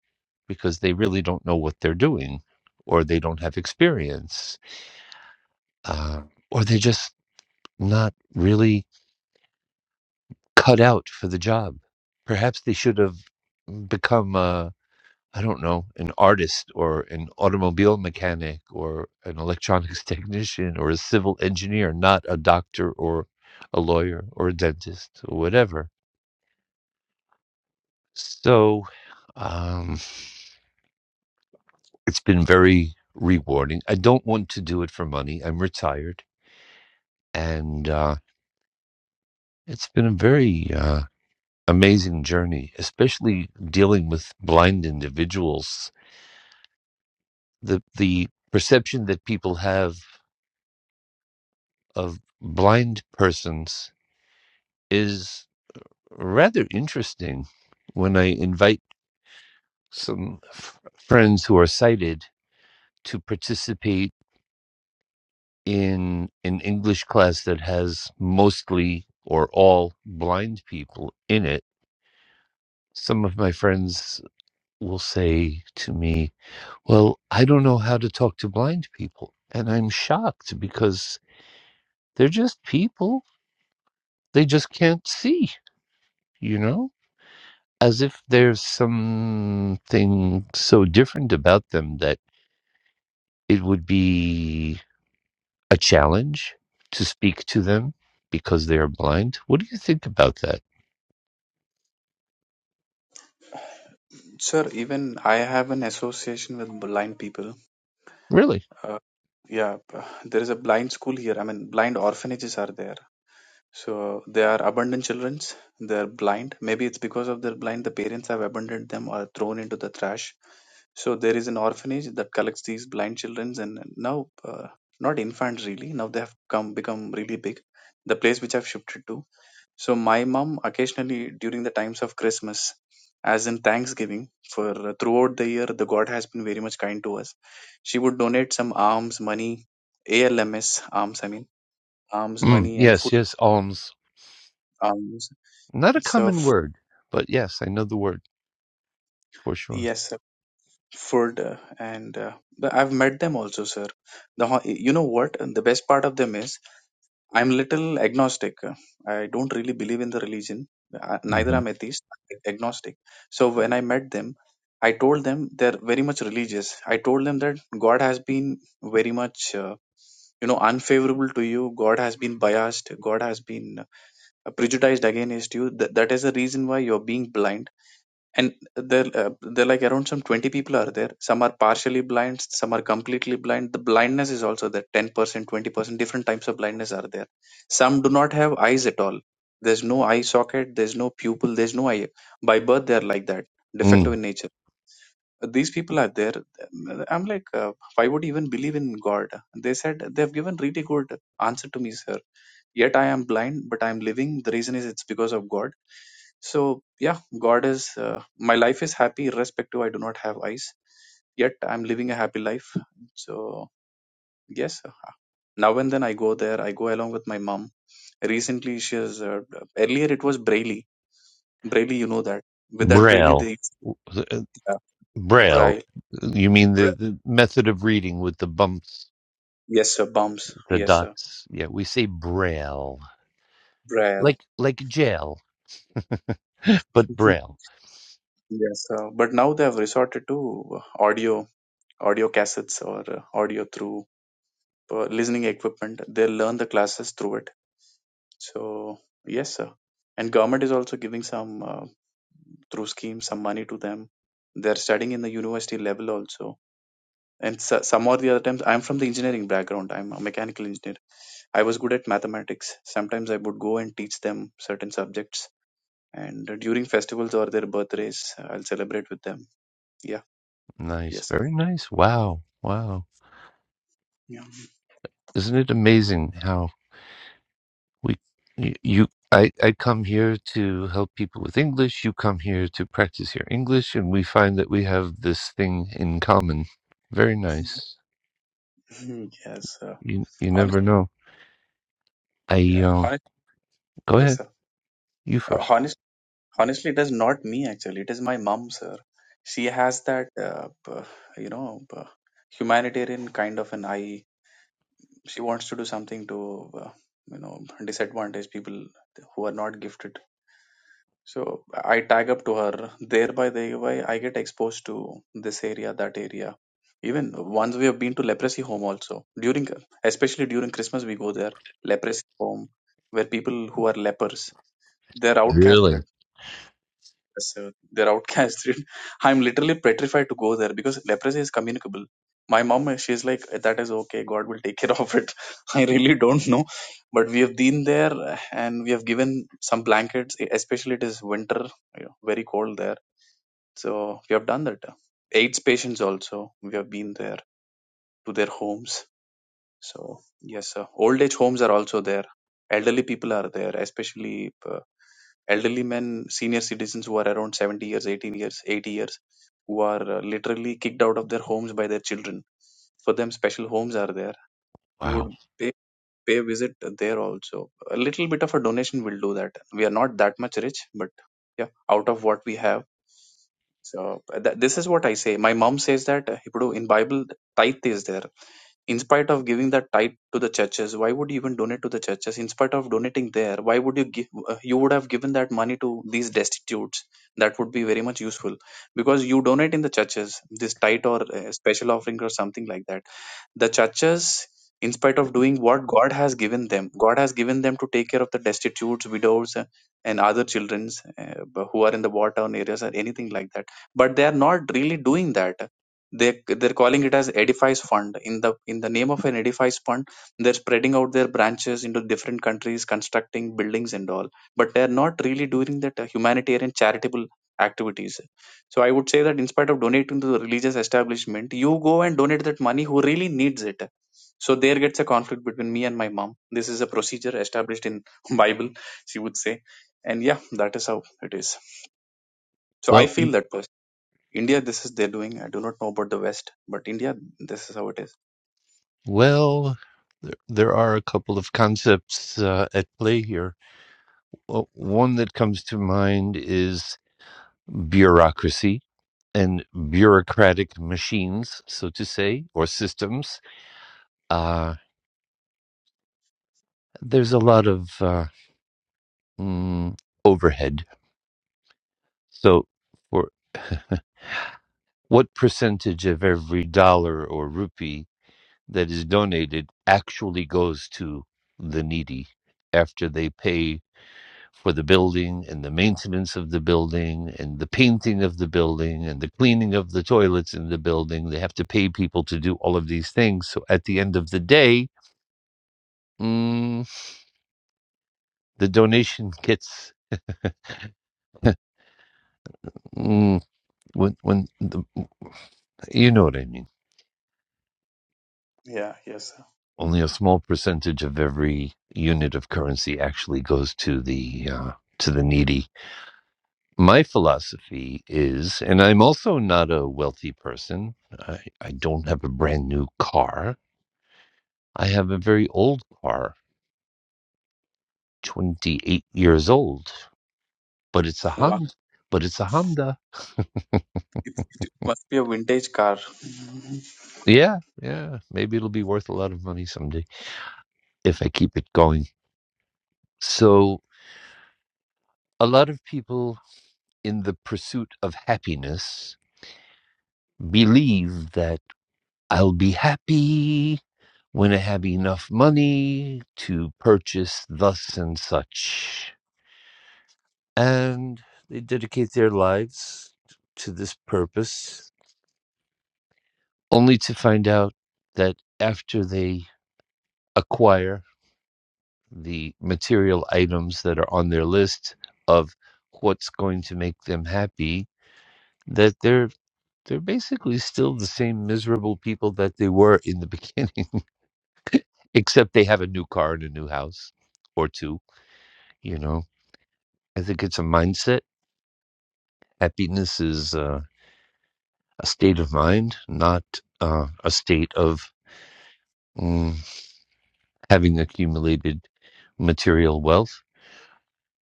S1: because they really don't know what they're doing or they don't have experience, uh, or they're just not really cut out for the job. Perhaps they should have become i I don't know, an artist or an automobile mechanic or an electronics technician or a civil engineer, not a doctor or a lawyer or a dentist or whatever. So, um, it's been very rewarding. I don't want to do it for money. I'm retired, and uh, it's been a very uh, amazing journey, especially dealing with blind individuals. The the perception that people have of blind persons is rather interesting. When I invite some f- friends who are sighted to participate in an English class that has mostly or all blind people in it, some of my friends will say to me, Well, I don't know how to talk to blind people. And I'm shocked because they're just people. They just can't see, you know? As if there's something so different about them that it would be a challenge to speak to them because they are blind. What do you think about that?
S3: Sir, even I have an association with blind people.
S1: Really?
S3: Uh, yeah, uh, there is a blind school here. I mean, blind orphanages are there. So they are abandoned children. They are blind. Maybe it's because of their blind, the parents have abandoned them or thrown into the trash. So there is an orphanage that collects these blind children, and now uh, not infants really. Now they have come become really big. The place which I've shifted to. So my mom occasionally during the times of Christmas, as in Thanksgiving, for uh, throughout the year, the God has been very much kind to us. She would donate some alms money, ALMS alms I mean alms
S1: Mm,
S3: money and
S1: yes,
S3: food
S1: yes, alms.
S3: alms
S1: Not a
S3: so
S1: common
S3: f-
S1: word, but yes, I know the word for sure.
S3: yes, sir, food uh, and uh, the- I've met them also, sir. The ho- you know what? The best part of them is I'm little agnostic. I don't really believe in the religion. Uh, Neither
S1: hmm
S3: I'm atheist, I'm agnostic. So when I met them, I told them they're very much religious. I told them that God has been very much uh, you know unfavorable to you. God has been biased. God has been uh, prejudiced against you. Th- that is the reason why you're being blind and there uh, there are like around some 20 people are there some are partially blind some are completely blind the blindness is also there 10% 20% different types of blindness are there some do not have eyes at all there's no eye socket there's no pupil there's no eye by birth they are like that defective
S1: Mm,
S3: in nature these people are there i'm like uh, why would you even believe in god they said they've given really good answer to me sir yet i am blind but i am living the reason is it's because of god so yeah god is uh, my life is happy irrespective i do not have eyes yet i'm living a happy life so yes now and then i go there i go along with my mom recently she is uh, earlier it was braille braille you know that with that braille
S1: braille.
S3: they
S1: Uh,
S3: uh,
S1: Braille.
S3: braille,
S1: You mean the,
S3: braille
S1: the method of reading with the bumps,
S3: yes sir bumps
S1: the
S3: yes sir
S1: dots? Yeah, we say braille.
S3: braille
S1: Like like jail, but braille.
S3: yes sir but now they have resorted to audio audio cassettes or uh, audio through uh, listening equipment they'll learn the classes through it so yes sir and government is also giving some uh, through schemes some money to them they're studying in the university level also and so, some or the other times i'm from the engineering background i'm a mechanical engineer i was good at mathematics sometimes i would go and teach them certain subjects and during festivals or their birthdays i'll celebrate with them yeah
S1: Nice,
S3: yes sir
S1: very nice. Wow. Wow.
S3: yeah
S1: Isn't it amazing how We, y- you, I, I come here to help people with English. You come here to practice your English, and we find that we have this thing in common. Very nice.
S3: yes sir
S1: You, you
S3: honest
S1: never know. I,
S3: yeah
S1: uh,
S3: honest
S1: go
S3: yes
S1: ahead.
S3: sir
S1: You
S3: Uh,
S1: first.
S3: honestly, Honestly, it is not me actually. It is my mom, sir. She has that, uh, p- you know, p- humanitarian kind of an eye. She wants to do something to, uh, you know, disadvantage people who are not gifted. So I tag up to her. Thereby, thereby, I get exposed to this area, that area. Even once we have been to leprosy home also during, especially during Christmas, we go there leprosy home where people who are lepers they're
S1: Really?
S3: outcasted So they're outcasted. I'm literally petrified to go there because leprosy is communicable. My mom, she's like, that is okay. God will take care of it. I really don't know. But we have been there and we have given some blankets, e, especially it is winter, you know, very cold there. So we have done that. AIDS patients also, we have been there to their homes. So yes, sir. old age homes are also there. Elderly people are there, especially. uh, elderly men, senior citizens who are around 70 years, 18 years, 80 years, who are uh, literally kicked out of their homes by their children. For them, special homes are there. We
S1: Wow.
S3: would pay, pay a visit there also. A little bit of a donation will do that. We are not that much rich, but yeah, out of what we have. So uh, that, this is what I say. My mom says that uh, ఇప్పుడు in Bible tithe is there in spite of giving the tithe to the churches why would you even donate to the churches in spite of donating there why would you give uh, you would have given that money to these destitutes that would be very much useful because you donate in the churches this tithe or uh, special offering or something like that the churches in spite of doing what god has given them god has given them to take care of the destitutes widows uh, and other children uh, b- who are in the war torn areas or anything like that but they are not really doing that they they're calling it as edifies fund in the in the name of an edifies fund they're spreading out their branches into different countries constructing buildings and all but they're not really doing that uh, humanitarian charitable activities so I would say that in spite of donating to the religious establishment, you go and donate that money who really needs it. So there gets a conflict between me and my mom. This is a procedure established in Bible, she would say. And yeah, that is how it is. So I
S1: Well, you-
S3: feel that person. India, this is their doing. I do not know about the West, but India, this is how it is.
S1: well, there, there are a couple of concepts uh, at play here. Well, one that comes to mind is bureaucracy and bureaucratic machines, so to say, or systems. Uh, there's a lot of uh, mm, overhead. So, for what percentage of every dollar or rupee that is donated actually goes to the needy after they pay for the building and the maintenance of the building and the painting of the building and the cleaning of the toilets in the building? They have to pay people to do all of these things. So, at the end of the day, mm, the donation gets. Mm, when when the, You know what I mean.
S3: Yeah, yes, sir.
S1: Only a small percentage of every unit of currency actually goes to the uh, to the needy. My philosophy is, and I'm also not a wealthy person. I, I don't have a brand new car. I have a very old car, 28 years old, but it's a
S3: Wow.
S1: Honda. But it's a Honda.
S3: It, it must be a vintage car. Mhm.
S1: Yeah, yeah. Maybe it'll be worth a lot of money someday if I keep it going. So a lot of people in the pursuit of happiness believe that I'll be happy when I have enough money to purchase thus and such. And they dedicate their lives to this purpose, only to find out that after they acquire the material items that are on their list of what's going to make them happy, that they're they're basically still the same miserable people that they were in the beginning. Except they have a new car and a new house or two, you know. I think it's a mindset. Happiness is uh, a state of mind, not uh, a state of mm, having accumulated material wealth.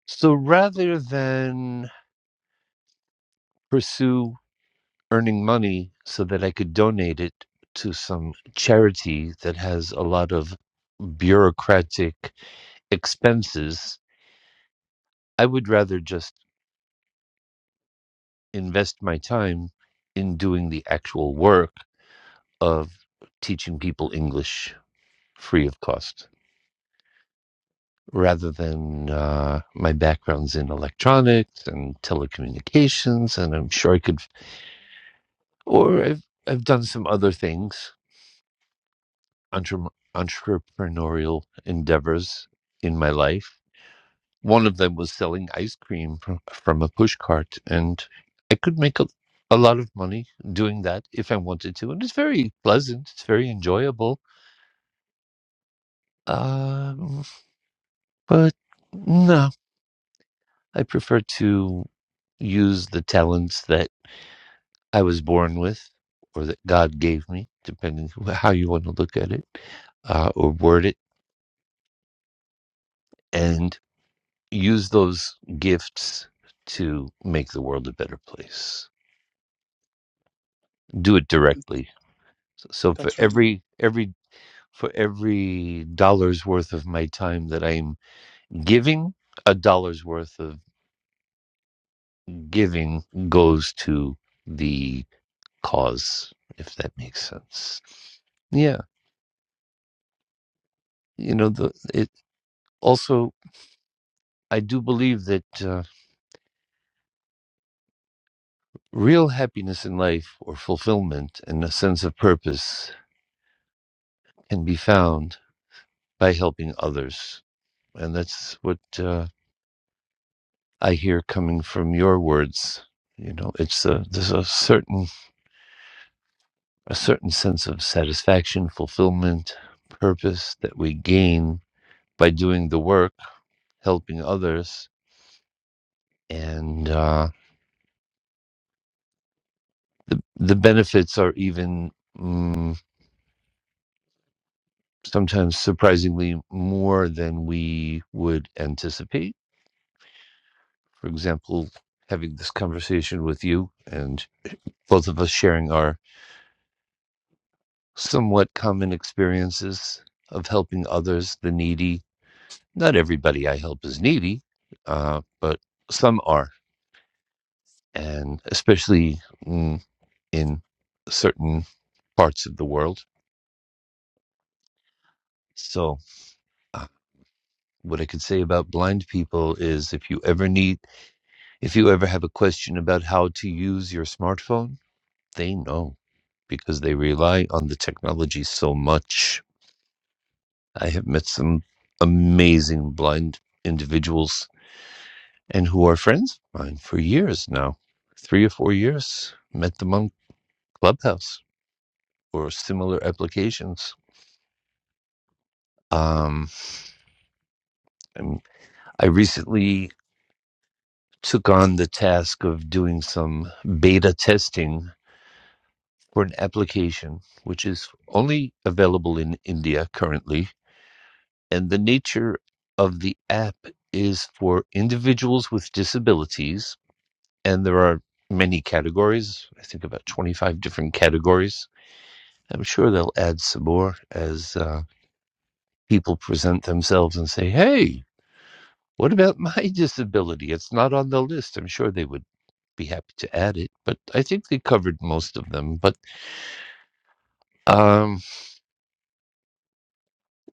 S1: So rather than pursue earning money so that I could donate it to some charity that has a lot of bureaucratic expenses, I would rather just invest my time in doing the actual work of teaching people English free of cost rather than uh, my background's in electronics and telecommunications. And I'm sure I could, or I've, I've done some other things, entre- entrepreneurial endeavors in my life one of them was selling ice cream from, from a push cart and i could make a, a lot of money doing that if i wanted to and it's very pleasant it's very enjoyable um, but no i prefer to use the talents that i was born with or that god gave me depending wh- how you want to look at it uh, or word it and use those gifts to make the world a better place do it directly So for
S3: That's really.
S1: every every for every dollar's worth of my time that I'm giving, a dollar's worth of giving goes to the cause, if that makes sense. Yeah, you know, the it also I do believe that uh, real happiness in life or fulfillment and a sense of purpose can be found by helping others. And that's what uh, I hear coming from your words. You know, it's a there's a certain a certain sense of satisfaction, fulfillment, purpose that we gain by doing the work, helping others, and uh, the the benefits are even mm, sometimes surprisingly more than we would anticipate. For example, having this conversation with you and both of us sharing our somewhat common experiences of helping others, the needy. Not everybody I help is needy, uh, but some are, and especially mm, in certain parts of the world. So, uh, what I could say about blind people is if you ever need, if you ever have a question about how to use your smartphone, they know because they rely on the technology so much. I have met some amazing blind individuals and who are friends of mine for years now, three or four years. Met them on Clubhouse or similar applications. Um, and I recently took on the task of doing some beta testing for an application which is only available in India currently, and the nature of the app is for individuals with disabilities, and there are many categories. I think about 25 different categories I'm sure they'll add some more as uh, people present themselves and say, hey, what about my disability? It's not on the list. I'm sure they would be happy to add it, but I think they covered most of them. But um,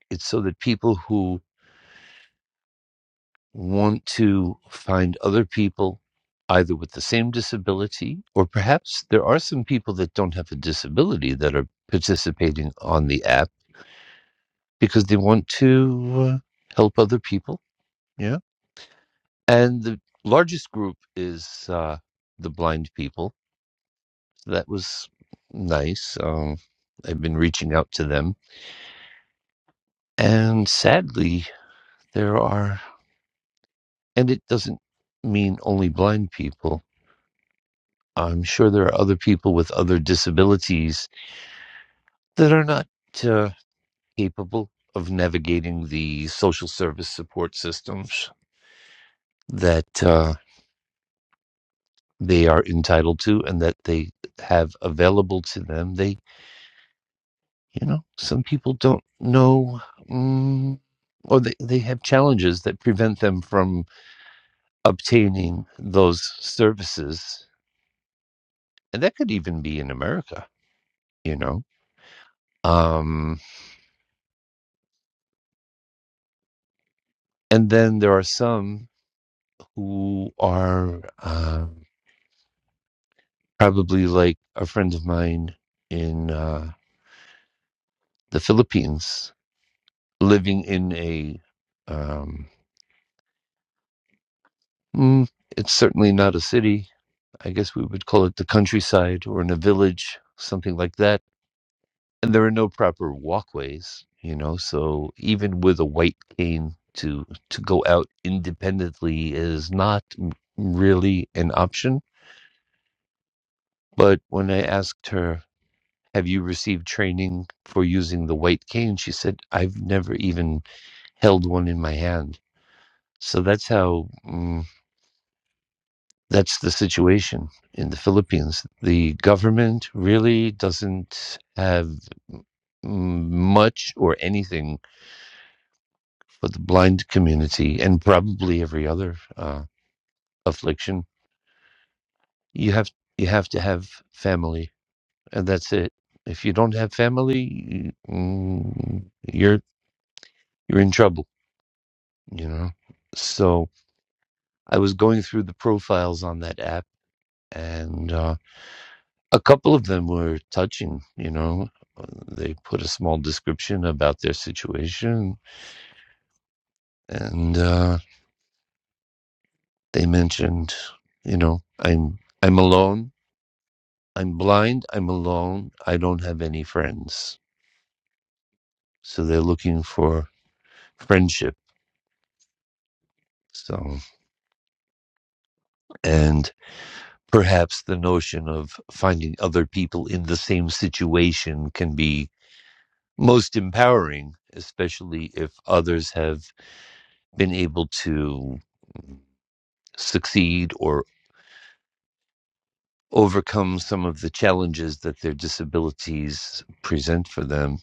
S1: it's so that people who want to find other people either with the same disability or perhaps there are some people that don't have a disability that are participating on the app because they want to uh, help other people. Yeah. and the largest group is uh, the blind people. So That was nice. Um, I've been reaching out to them, and sadly, there are, and it doesn't mean only blind people. I'm sure there are other people with other disabilities that are not uh, capable of navigating the social service support systems that uh, they are entitled to and that they have available to them. They you know some people don't know mm, or they, they have challenges that prevent them from obtaining those services and that could even be in america you know um and then there are some who are um probably like a friend of mine in uh the philippines living in a um mm, it's certainly not a city I guess we would call it the countryside or in a village, something like that. And there are no proper walkways, you know, so even with a white cane to to go out independently is not really an option. But when I asked her, "Have you received training for using the white cane?" she said, "I've never even held one in my hand." So that's how mm, that's the situation in the Philippines. The government really doesn't have mm, much or anything for the blind community and probably every other uh, affliction. You have you have to have family, and that's it. If you don't have family, you- mm, you're you're in trouble. You know. So I was going through the profiles on that app, and uh, a couple of them were touching. You know, they put a small description about their situation, and. Uh, They mentioned, you know, I'm I'm alone, I'm blind, I'm alone, I don't have any friends. So they're looking for friendship. So and perhaps the notion of finding other people in the same situation can be most empowering, especially if others have been able to succeed or overcome some of the challenges that their disabilities present for them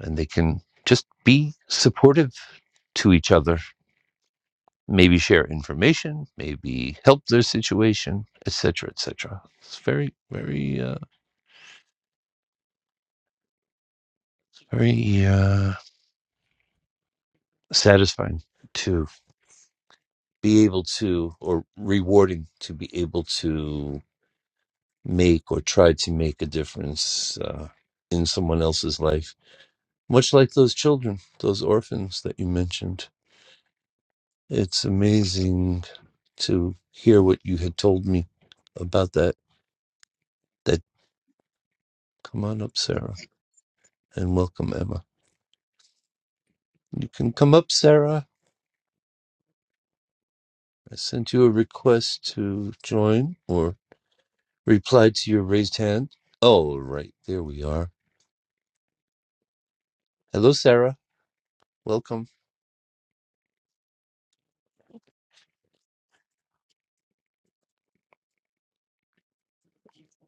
S1: and they can just be supportive to each other maybe share information maybe help their situation etc etc it's very very uh, very uh, satisfying to be able to or rewarding to be able to make or try to make a difference uh, in someone else's life much like those children those orphans that you mentioned it's amazing to hear what you had told me about that said, Come on up, Sarah, and welcome, Emma. You can come up, Sarah. I sent you a request to join or reply to your raised hand. Oh, right. There we are. Hello, Sarah. Welcome.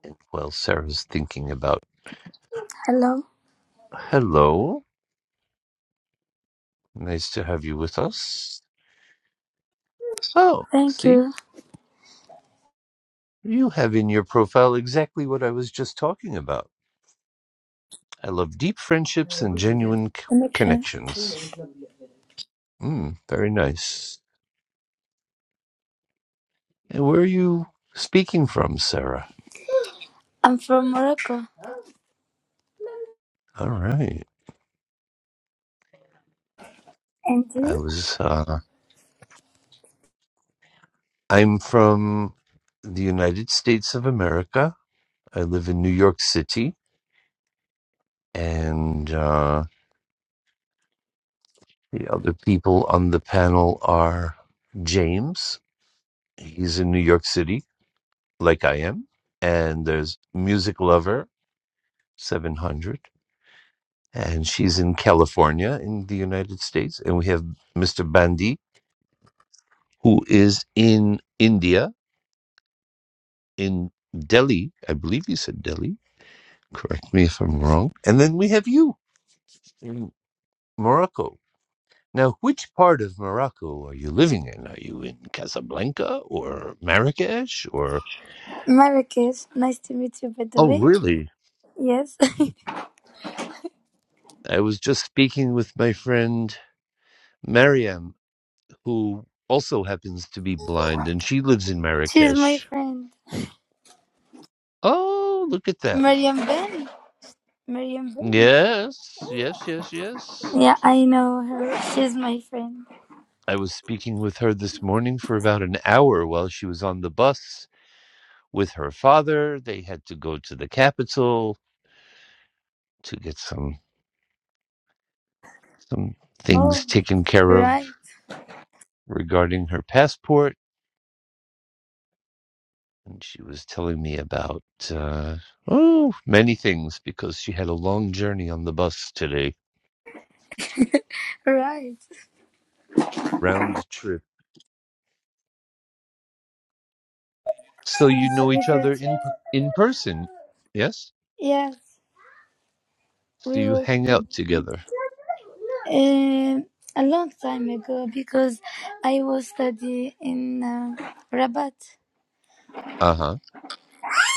S1: And while Sarah's thinking about,
S6: Hello.
S1: hello, nice to have you with us. Oh,
S6: Thank
S1: see,
S6: you.
S1: you have in your profile exactly what I was just talking about. I love deep friendships and genuine c-
S6: Connection.
S1: connections. Mm, very nice. And where are you speaking from, Sarah?
S6: I'm from Morocco.
S1: All right.
S6: And
S1: I
S6: you?
S1: was, uh, I'm from the United States of America. I live in New York City. And uh, the other people on the panel are James. He's in New York City, like I am. And there's Music Lover 700. And she's in California in the United States. And we have Mr. Bandi, who is in India in Delhi. I believe you said Delhi. Correct me if I'm wrong. And then we have you in Morocco. Now, which part of Morocco are you living in? Are you in Casablanca or Marrakesh or?
S6: Marrakesh. Nice to meet you, by the
S1: Oh,
S6: way.
S1: really?
S6: Yes.
S1: I was just speaking with my friend Mariam, who also happens to be blind, and she lives in
S6: She's my
S1: Marrakesh.
S6: friend.
S1: Oh, look at that.
S6: Mariam Ben. Mariam Ben.
S1: Yes, yes, yes, yes.
S6: Yeah, I know her. She's my friend.
S1: I was speaking with her this morning for about an hour while she was on the bus with her father. They had to go to the capital to get some some
S6: Oh,
S1: things taken care of
S6: right.
S1: regarding her passport. And she was telling me about uh, oh many things because she had a long journey on the bus today,
S6: right.
S1: round trip. So you
S6: Nice to
S1: know
S6: meet
S1: each
S6: you
S1: other in
S6: too.
S1: in person, yes?
S6: Yes,
S1: So
S6: we
S1: you
S6: were
S1: hang
S6: um,
S1: out together.
S6: a long time ago because I was studying in uh, Rabat.
S1: Uh huh.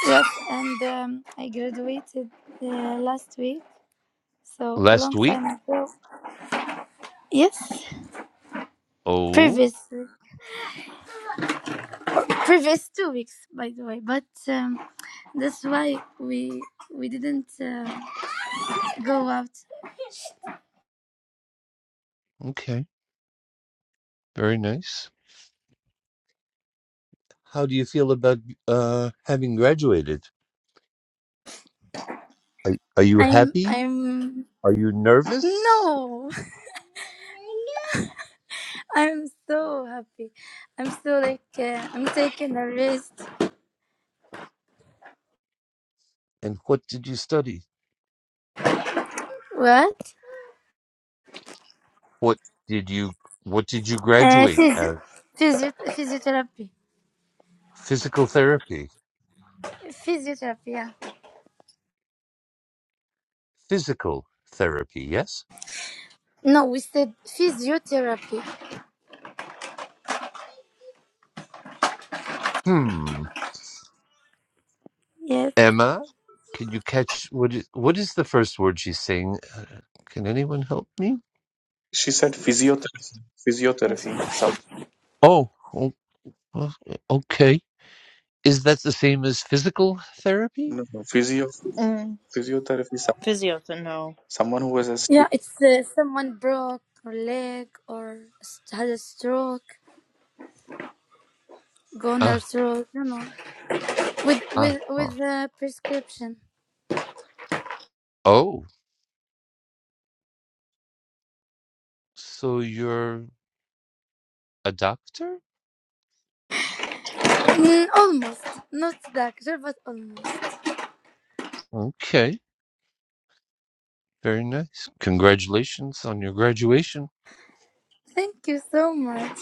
S6: Yes, and um, I graduated uh, last week, so
S1: Last
S6: long
S1: week.
S6: time ago. Yes,
S1: Oh,
S6: previous previous two weeks, by the way. But um, that's why we we didn't uh, go out.
S1: okay. Very nice. How do you feel about uh, having graduated? Are, are you
S6: I'm
S1: happy?
S6: I'm
S1: Are you nervous?
S6: no. I'm so happy. I'm so like uh, I'm taking a rest.
S1: And what did you study?
S6: What?
S1: What did you what did you
S6: Uh,
S1: graduate
S6: physio-
S1: at?
S6: physio- physiotherapy.
S1: Physical therapy.
S6: Physiotherapy. Yeah.
S1: Physical therapy, yes?
S6: No, we said physiotherapy.
S1: Hmm.
S6: Yes.
S1: Emma, can you catch what is what is the first word she's saying? Uh, Can anyone help me?
S3: She said physiotherapy.
S7: Is
S3: Physiotherapy. Some
S1: Oh, o- o- okay. Is that the same as physical therapy?
S3: no, no, physio
S7: mm,
S3: physiotherapy.
S7: physiotherapy? No.
S3: Someone who was asleep.
S6: Yeah, it's uh, someone broke or leg or s- had a stroke, goner
S1: Ah,
S6: stroke, you know, with
S1: ah,
S6: with with
S1: ah.
S6: a prescription.
S1: Oh, so you're a doctor?
S6: Mm, almost, not doctor, but almost.
S1: Okay. Very nice. Congratulations on your graduation.
S6: Thank you so much.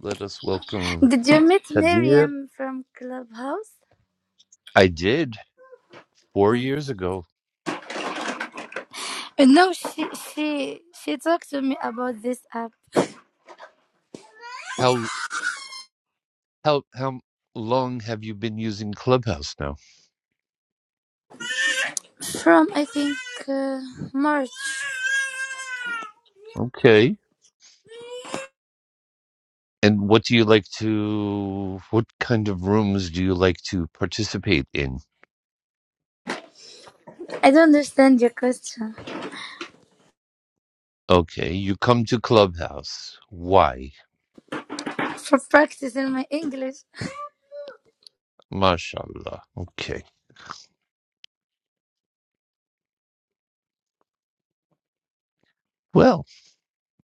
S1: Let us welcome
S6: Did you meet
S1: Kadir.
S6: Miriam from Clubhouse?
S1: I did four years ago.
S6: Uh, No, she she she talked to me about this app
S1: How how how long have you been using Clubhouse now?
S6: from I think uh, March.
S1: Okay. And what do you like to? What kind of rooms do you like to participate in?
S6: I don't understand your question.
S1: Okay, you come to Clubhouse. Why?
S6: for practicing my English.
S1: Mashallah. Okay. Well,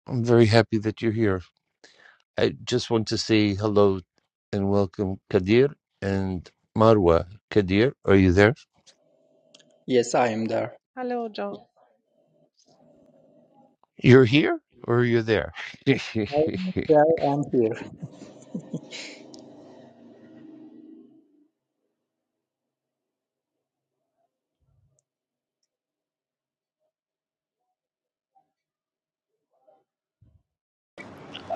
S1: I'm very happy that you're here. I just want to say hello and welcome Kadir and Marwa. Kadir, are you there?
S8: Yes, I am there.
S9: Hello, John.
S1: You're here or you're there?
S8: I'm there and here.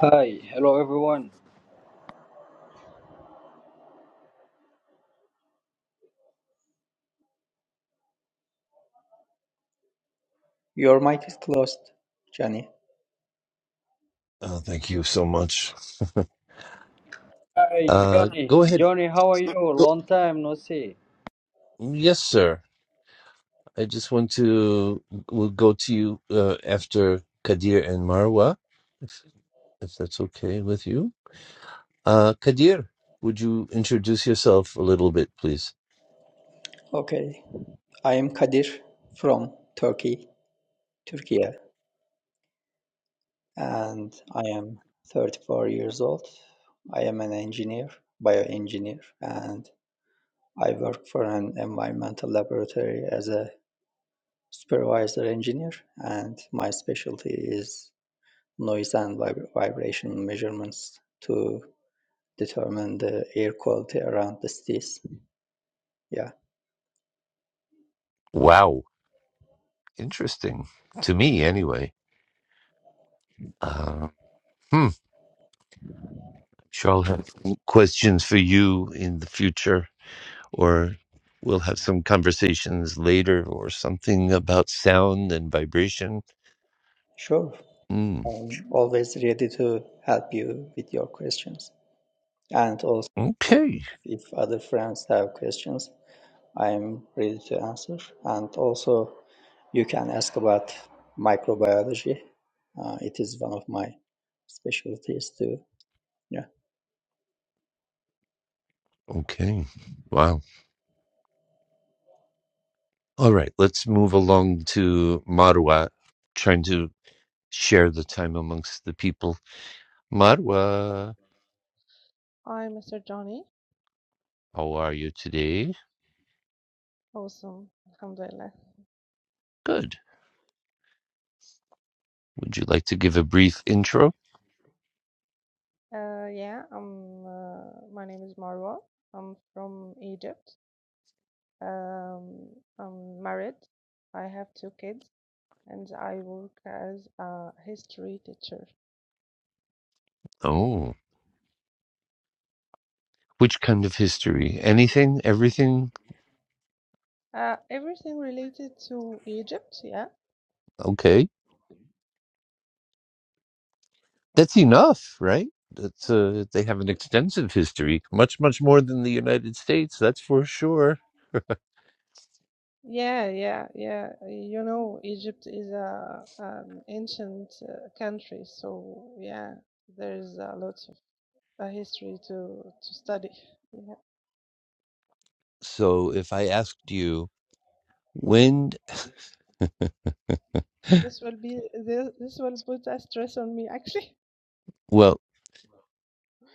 S10: Hi, hello everyone.
S8: Your mic is closed, Johnny.
S1: Oh, thank you so much.
S10: Hi,
S1: uh,
S10: Johnny.
S1: go ahead.
S10: Johnny, how are you?
S1: Go.
S10: Long time no see.
S1: Yes, sir. I just want to, we'll go to you uh, after Kadir and Marwa, if, if that's okay with you. Uh, Kadir, would you introduce yourself a little bit, please?
S8: Okay. I am Kadir from Turkey, Turkey, and I am 34 years old. I am an engineer, bioengineer, and I work for an environmental laboratory as a supervisor engineer, and my specialty is noise and vib- vibration measurements to determine the air quality around the cities. Yeah.
S1: Wow. Interesting. To me, anyway. Uh, hmm. Sure, I'll have questions for you in the future, or we'll have some conversations later or something about sound and vibration.
S8: Sure,
S1: Mm,
S8: I'm always ready to help you with your questions. And also,
S1: okay.
S8: if other friends have questions, I'm ready to answer. And also, you can ask about microbiology. Uh, it is one of my specialties too. Yeah.
S1: Okay. Wow. All right. Let's move along to Marwa, trying to share the time amongst the people. Marwa,
S9: I'm Mr. Johnny.
S1: how are you today?
S9: Awesome. Alhamdulillah.
S1: Good. Would you like to give a brief intro?
S9: Uh, yeah, I'm, uh, my name is Marwa. I'm from Egypt. Um, I'm married. I have two kids and I work as a history teacher.
S1: Oh, which kind of history? Anything? Everything?
S9: Uh, everything related to Egypt, yeah?
S1: Okay. That's enough, right? That's uh, they have an extensive history, much much more than the United States. That's for sure.
S9: Yeah, yeah, yeah. You know, Egypt is a, an ancient uh, country, so yeah, there's a lot of uh, history to, to study.
S1: So, if I asked you when,
S9: This will be this, this will put a stress on me actually.
S1: well,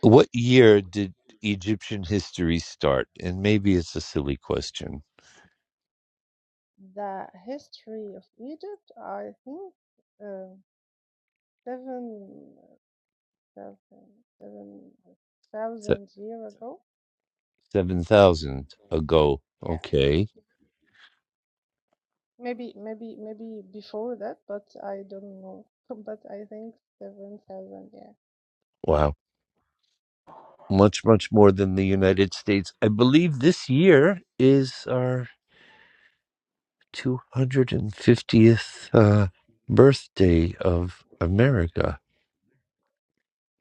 S1: what year did Egyptian history start? And maybe it's a silly question.
S9: The history of Egypt, I think, uh, seven, seven, seven
S1: Se-
S9: thousand years ago.
S1: Seven thousand ago.
S9: Yeah,
S1: Okay.
S9: maybe, maybe, maybe before that, but I don't know. But I think seven thousand. Yeah.
S1: Wow. Much much more than the United States. I believe this year is our two hundred and fiftieth uh, birthday of America.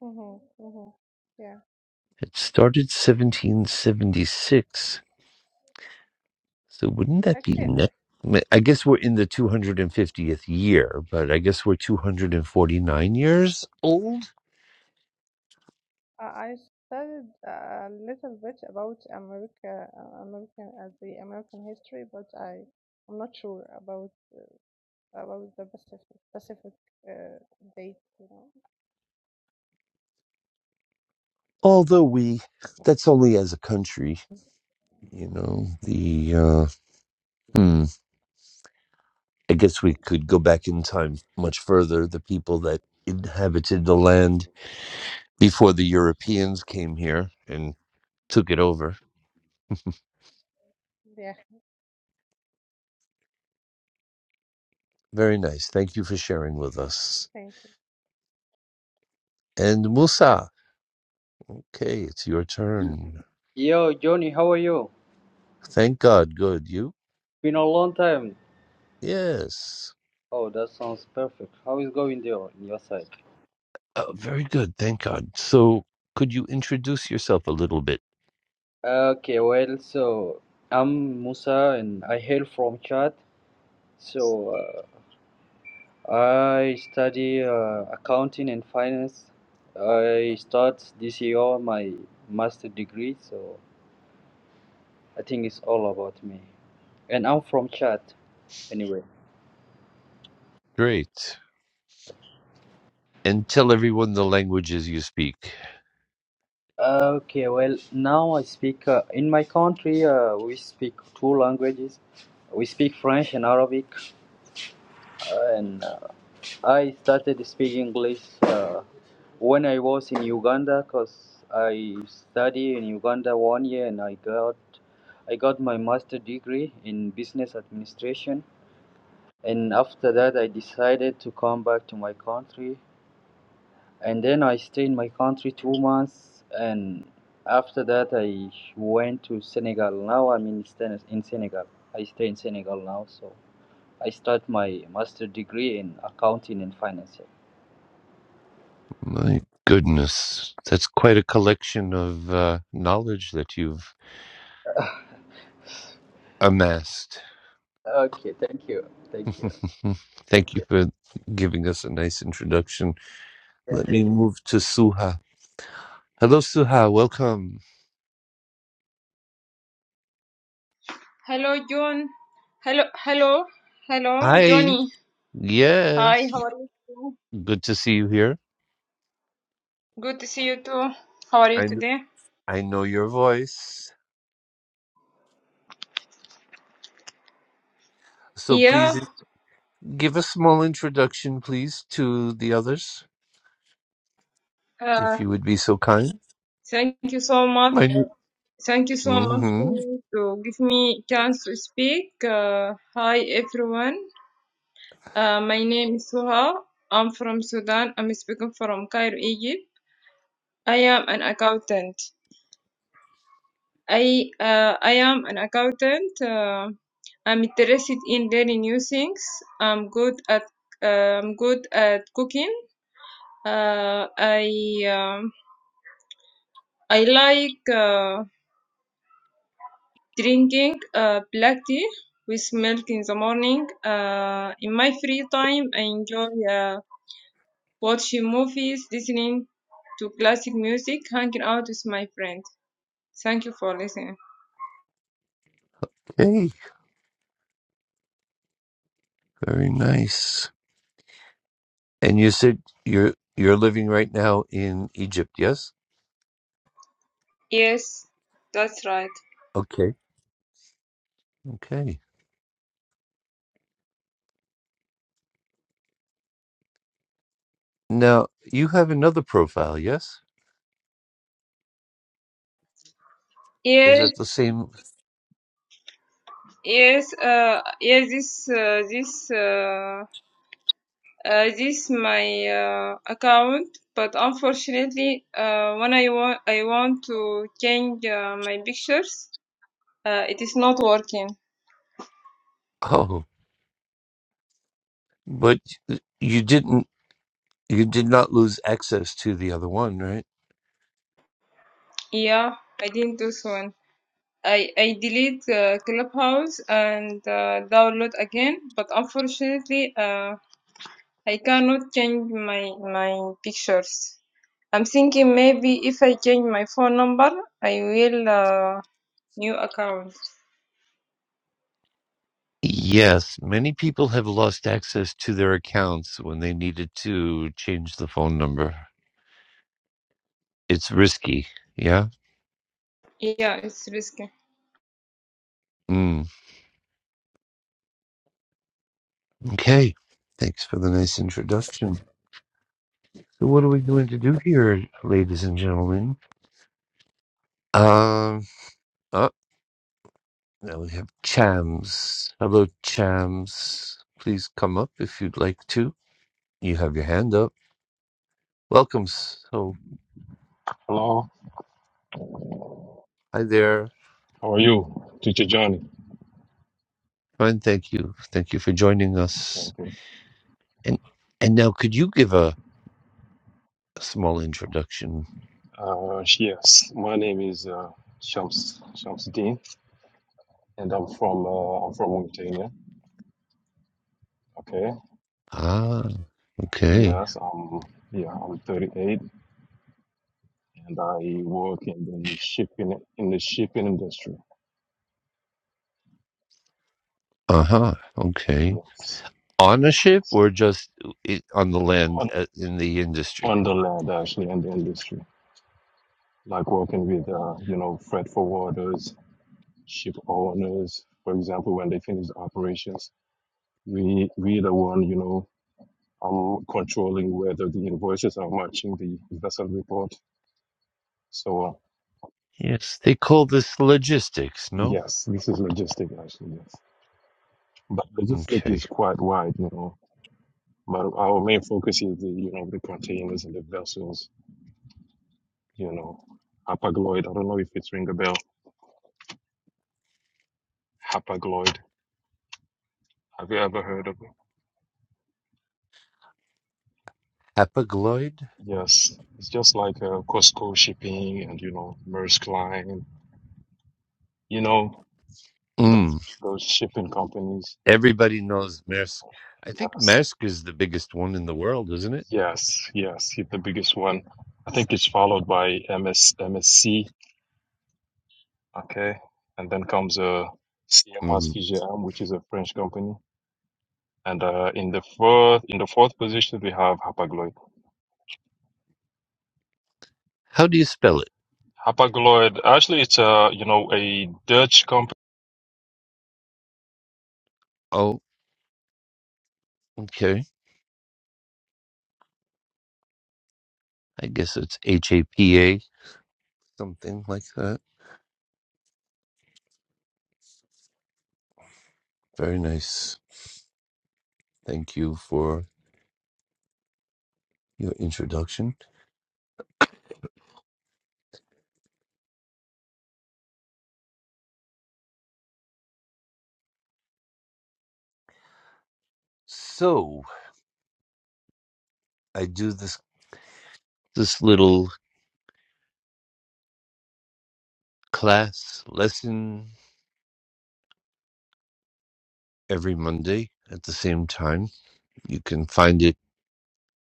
S9: Mhm. Mhm. Yeah.
S1: It started 1776. So wouldn't that be
S9: Actually,
S1: next? I guess we're in the 250th year, but I guess we're 249 years old.
S9: I I studied a little bit about America, uh, American, uh, the American history, but I, I'm not sure about. about the Pacific Pacific uh, date, you know.
S1: Although we, that's only as a country, you know, the, uh, hmm, I guess we could go back in time much further. The people that inhabited the land before the Europeans came here and took it over.
S9: Yeah,
S1: Very nice. Thank you for sharing with us.
S9: thank you.
S1: And Musa. Okay, it's your turn.
S10: Yo, Johnny, how are you?
S1: Thank God. Good. You?
S10: Been a long time.
S1: Yes.
S10: Oh, that sounds perfect. How is going there on your side?
S1: Oh, very good. Thank God. So, could you introduce yourself a little bit?
S10: Okay, well, so I'm Musa and I hail from Chad. So uh, I study uh, accounting and finance. I start this year my master degree, so I think it's all about me. And I'm from Chad, anyway.
S1: Great. And tell everyone the languages you speak.
S10: Okay, well, now I speak uh, in my country. Uh, we speak two languages. We speak French and Arabic, uh, and uh, I started speaking English uh, when I was in Uganda because I studied in Uganda one year and I got I got my master degree in business administration. And after that, I decided to come back to my country and then I stay in my country two months, and after that I went to Senegal. Now I'm in Sen- in Senegal. I stay in Senegal now, so I start my master degree in accounting and finance.
S1: My goodness. That's quite a collection of uh, knowledge that you've amassed.
S10: Okay, thank you, thank you, thank
S1: Thank you
S10: you,
S1: for giving us a nice introduction. Let
S10: thank you.
S1: me move to Suha. Hello, Suha. Welcome.
S11: Hello, John. Hello, hello, hello,
S1: Hi.
S11: Johnny.
S1: Yes.
S11: Hi, how are you?
S1: Good to see you here.
S11: Good to see you too. How are you
S1: I, kn-
S11: today?
S1: I know your voice. So
S11: Yeah.
S1: please give a small introduction, please, to the others,
S11: Uh,
S1: if you would be so kind.
S11: thank you so much.
S1: My new.
S11: Thank you so much
S1: Mm-hmm.
S11: to give me chance to speak. Uh, hi, everyone. Uh, my name is Suha. I'm from Sudan. I'm speaking from Cairo, Egypt. I am an accountant. I uh, I am an accountant. Uh, I'm interested in learning new things. I'm good at uh, I'm good at cooking. Uh, I um, I like uh, drinking uh, black tea with milk in the morning. Uh, in my free time, I enjoy uh, watching movies, listening to classic music, hanging out with my friends. Thank you for listening.
S1: Okay. Very nice. And you said you're you're living right now in Egypt, yes?
S11: Yes, that's right.
S1: Okay. Okay. Now you have another profile, yes? Is
S11: Yes.
S1: that the same?
S11: Yes, uh, yes, this, uh, this, uh, uh, this my uh, account. But unfortunately, uh, when I want, I want to change uh, my pictures, uh, it is not working.
S1: Oh, but you didn't. You did not lose access to the other one, right?
S11: Yeah, I didn't do so. one. I I delete uh, Clubhouse and uh, download again. But unfortunately, uh, I cannot change my my pictures. I'm thinking maybe if I change my phone number, I will. Uh, New account.
S1: Yes, many people have lost access to their accounts when they needed to change the phone number. It's risky. Yeah.
S11: Yeah, it's risky.
S1: Mm. Okay. Thanks for the nice introduction. So, what are we going to do here, ladies and gentlemen? Um. Oh, now we have Chams. Hello, Chams. Please come up if you'd like to. You have your hand up. Welcome. So,
S12: Hello,
S1: hi there.
S12: how are you, Teacher Johnny?
S1: Fine. Thank you. Thank you for joining us.
S12: Thank you.
S1: And and now, could you give a a small introduction.
S12: Uh, yes, my name is uh, Shams Shamsuddin, and I'm from uh, I'm from Mauritania. Okay.
S1: Ah, okay.
S12: Yes, I'm yeah I'm 38, and I work in the shipping in the shipping industry.
S1: Uh huh. Okay.
S12: Yes,
S1: On a ship or just i- on the land
S12: on
S1: uh, in the industry?
S12: on the land actually, in the industry, like working with uh, you know freight forwarders, ship owners. For example, when they finish the operations, we we the one you know I'm controlling whether the invoices are matching the vessel report. So uh,
S1: Yes, they call this logistics, no?
S12: yes, this is logistic actually. Yes, but logistic
S1: Okay.
S12: is quite wide, you know. But our main focus is the you know the containers and the vessels. You know, Hapag-Lloyd. I don't know if it's ring a bell. Hapag-Lloyd. Have you ever heard of it?
S1: Hapagloid?
S12: Yes, it's just like uh, Costco shipping and you know Maersk Line. You know those
S1: Mm.
S12: those shipping companies.
S1: Everybody knows Maersk. I think
S12: Yes,
S1: Maersk is the biggest one in the world, isn't it?
S12: Yes, yes, he's the biggest one. I think it's followed by M S M S C, okay, and then comes uh, CMS
S1: Mm.
S12: which is a French company. And uh, in the fourth, in the fourth position, we have Hapag-Lloyd.
S1: How do you spell it?
S12: Hapag-Lloyd, actually, it's a you know a Dutch company.
S1: Oh, okay. I guess it's H A P A, something like that. Very nice. Thank you for your introduction. So, I do this this little class lesson every Monday at the same time. You can find it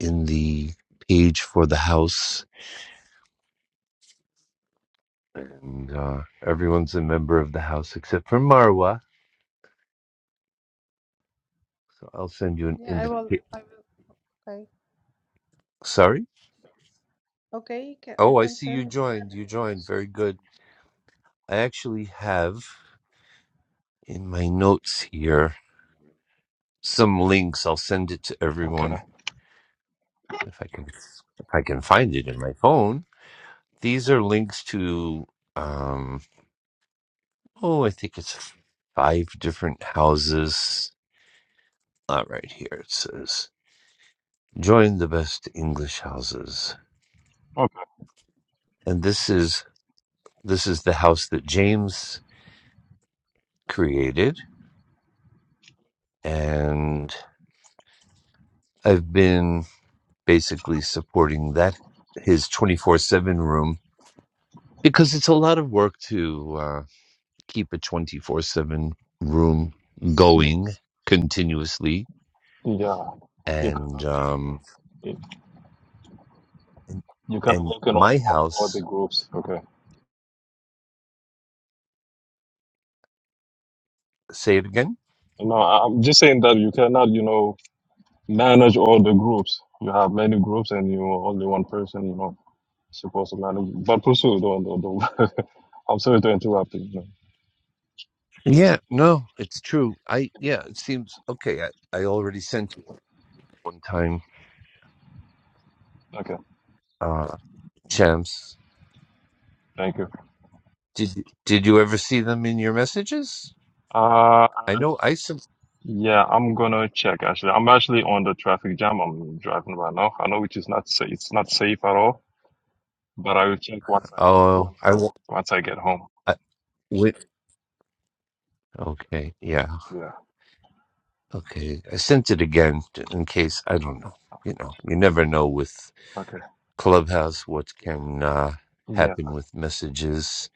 S1: in the page for the house, and uh, everyone's a member of the house except for Marwa. So I'll send you an invite.
S9: I will. Okay,
S1: Sorry.
S9: okay, you can, you
S1: Oh, I
S9: can
S1: see you
S9: send.
S1: joined. You joined. Very good. I actually have in my notes here some links. I'll send it to
S12: Okay,
S1: everyone if I can if I can find it in my phone. These are links to um, Oh, I think it's five different houses. Uh, right here it says, "Join the best English houses,"
S12: okay,
S1: and this is this is the house that James created, and I've been basically supporting that his twenty four seven room because it's a lot of work to uh, keep a twenty four seven room going
S12: yes,
S1: continuously,
S12: yeah. You
S1: and
S12: cannot be, you know,
S1: um,
S12: it-
S1: and
S12: you cannot
S1: and
S12: work in on
S1: my
S12: all, all the
S1: house.
S12: groups. Okay,
S1: Say it again.
S12: no, I- I'm just saying that you cannot, you know. manage all the groups. You have many groups and you are only one person, you know, supposed to manage. But pursue, don't, don't, don't. I'm sorry to interrupt you. you
S1: Yeah, no, it's true. I yeah, it seems okay. I, I already sent you one time,
S12: Okay,
S1: uh, champs.
S12: thank you.
S1: Did did you ever see them in your messages?
S12: Uh,
S1: I know I sent.
S12: yeah, I'm gonna check actually. I'm actually on the traffic jam. I'm driving right now. I know which is not safe. It's not safe at all, but I will check once I,
S1: Oh,
S12: once
S1: I
S12: I,
S1: won't.
S12: once I get home.
S1: I, wait. Okay, yeah,
S12: Yeah.
S1: okay. I sent it again t- in case I don't know. You know, you never know with
S12: Okay.
S1: Clubhouse what can uh,
S12: Yeah,
S1: happen with messages.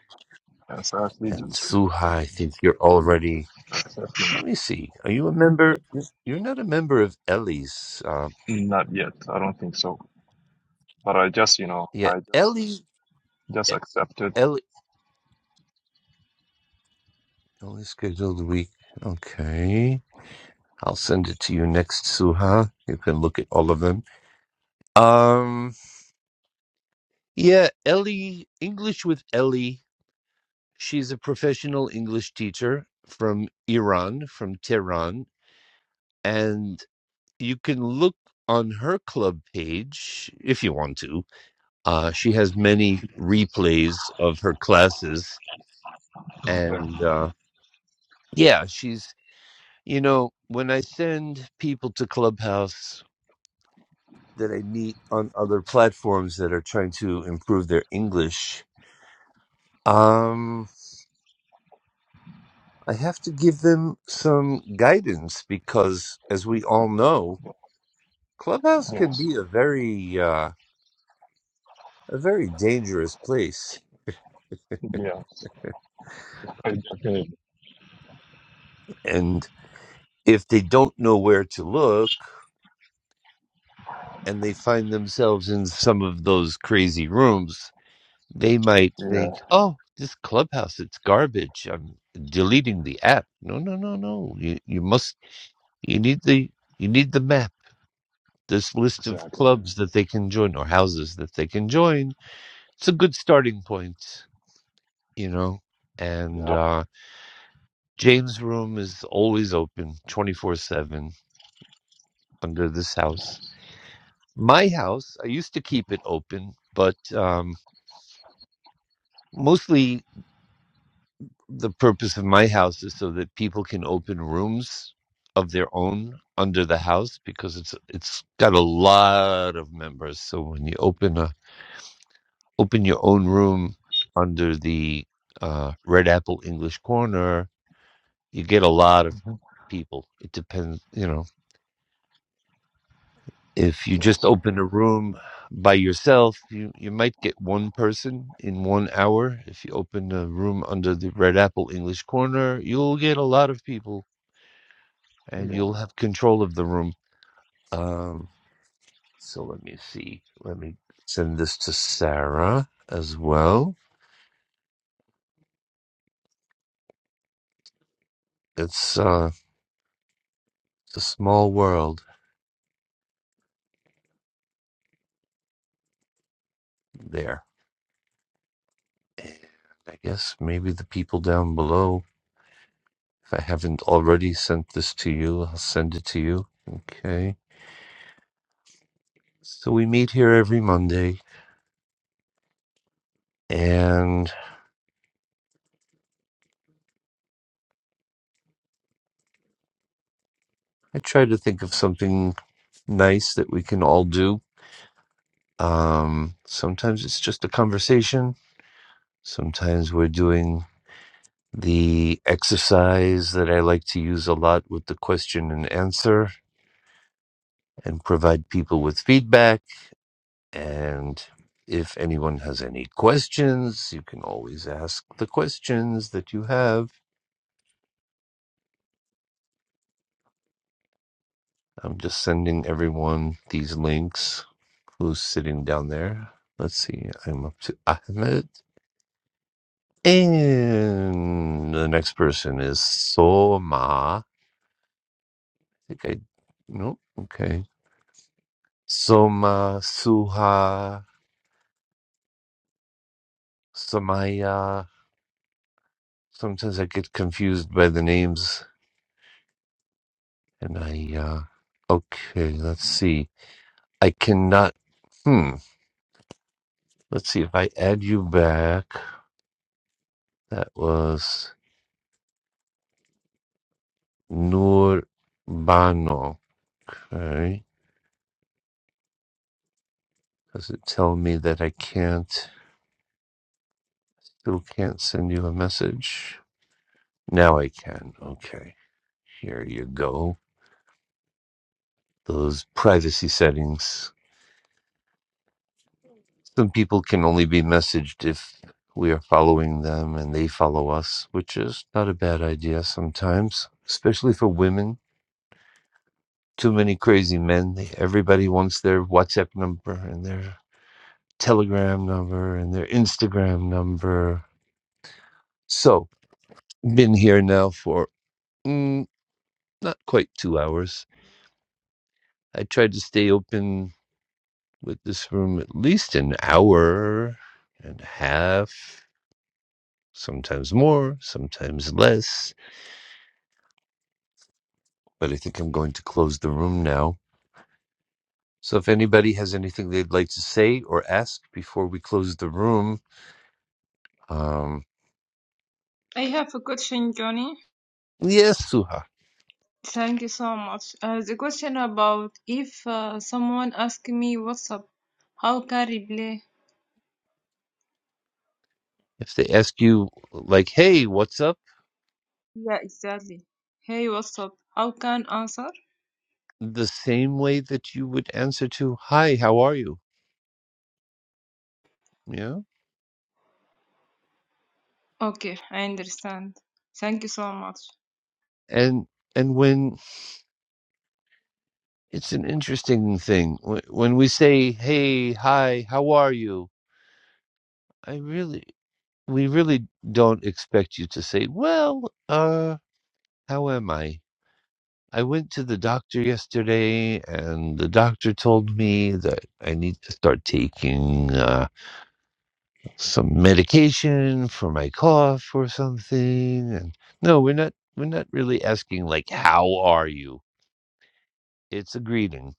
S12: yes, I actually
S1: And
S12: just
S1: Suha,
S12: received
S1: I
S12: it.
S1: think you're already.
S12: It's actually
S1: Let me see. Are you a member? You're not a member of Ellie's. uh,
S12: Not yet. I don't think so. But I just, you know,
S1: Yeah,
S12: I just
S1: Ellie,
S12: Just accepted.
S1: Ellie, Ellie scheduled the week. Okay, I'll send it to you next, Suha. You can look at all of them. Um, yeah, Ellie, English with Ellie. She's a professional English teacher from Iran, from Tehran, and you can look on her club page if you want to. Uh, she has many
S12: Yes.
S1: replays of her classes,
S12: Yeah.
S1: and uh, yeah, she's You know, when I send people to Clubhouse that I meet on other platforms that are trying to improve their English, um, I have to give them some guidance because, as we all know, Clubhouse can
S12: Yes.
S1: be a very, uh, a very dangerous place.
S12: Yes. Exactly.
S1: And if they don't know where to look and they find themselves in some of those crazy rooms, they might
S12: Yeah.
S1: think, "Oh, this clubhouse, it's garbage. I'm deleting the app." No, no, no, no. You you must you need the you need the map. This list of
S12: Exactly.
S1: clubs that they can join or houses that they can join. It's a good starting point, you know. And
S12: Yep.
S1: uh, James' room is always open, twenty four seven under this house. My house, I used to keep it open, but um, mostly the purpose of my house is so that people can open rooms of their own under the house because it's it's got a lot of members. So when you open a open your own room under the uh, Red Apple English Corner, you get a lot of
S12: hmm
S1: people. It depends, you know. If you just
S12: Yes.
S1: open a room by yourself, you, you might get one person in one hour. If you open a room under the Red Apple English Corner, you'll get a lot of people and
S12: Yeah.
S1: you'll have control of the room. Um, so let me see. Let me send this to Sarah as well. It's uh, a small world there. And I guess maybe the people down below, if I haven't already sent this to you, I'll send it to you. Okay. So we meet here every Monday, and I try to think of something nice that we can all do. Um, sometimes it's just a conversation. Sometimes we're doing the exercise that I like to use a lot with the question and answer and provide people with feedback. And if anyone has any questions, you can always ask the questions that you have. I'm just sending everyone these links who's sitting down there. Let's see, I'm up to Ahmed. And the next person is Soma. I think I, no, okay. Soma Suha Some I uh sometimes I get confused by the names and I uh okay, let's see. I cannot hmm. Let's see if I add you back. That was Nur Bano. Okay. Does it tell me that I can't still can't send you a message? Now I can. Okay. Here you go. Those privacy settings. Some people can only be messaged if we are following them and they follow us, which is not a bad idea sometimes, especially for women. Too many crazy men. They, everybody wants their WhatsApp number and their Telegram number and their Instagram number. So, been here now for mm, not quite two hours. I tried to stay open with this room at least an hour and a half, sometimes more, sometimes less. but I think I'm going to close the room now. So if anybody has anything they'd like to say or ask before we close the room, um,
S11: I have a question, Johnny.
S1: yes, Suha.
S11: Thank you so much. Uh, the question about if uh, someone ask me what's up, how can reply?
S1: If they ask you, like, hey, what's up?
S11: Yeah, exactly. Hey, what's up? How can answer?
S1: The same way that you would answer to, hi, how are you? Yeah.
S11: Okay, I understand. Thank you so much.
S1: And, and when it's an interesting thing, Wh- when we say, hey, hi, how are you? I really, we really don't expect you to say, well, uh, how am I? I went to the doctor yesterday, and the doctor told me that I need to start taking uh, some medication for my cough or something. And no, we're not. We're not really asking like, "How are you?" It's a greeting.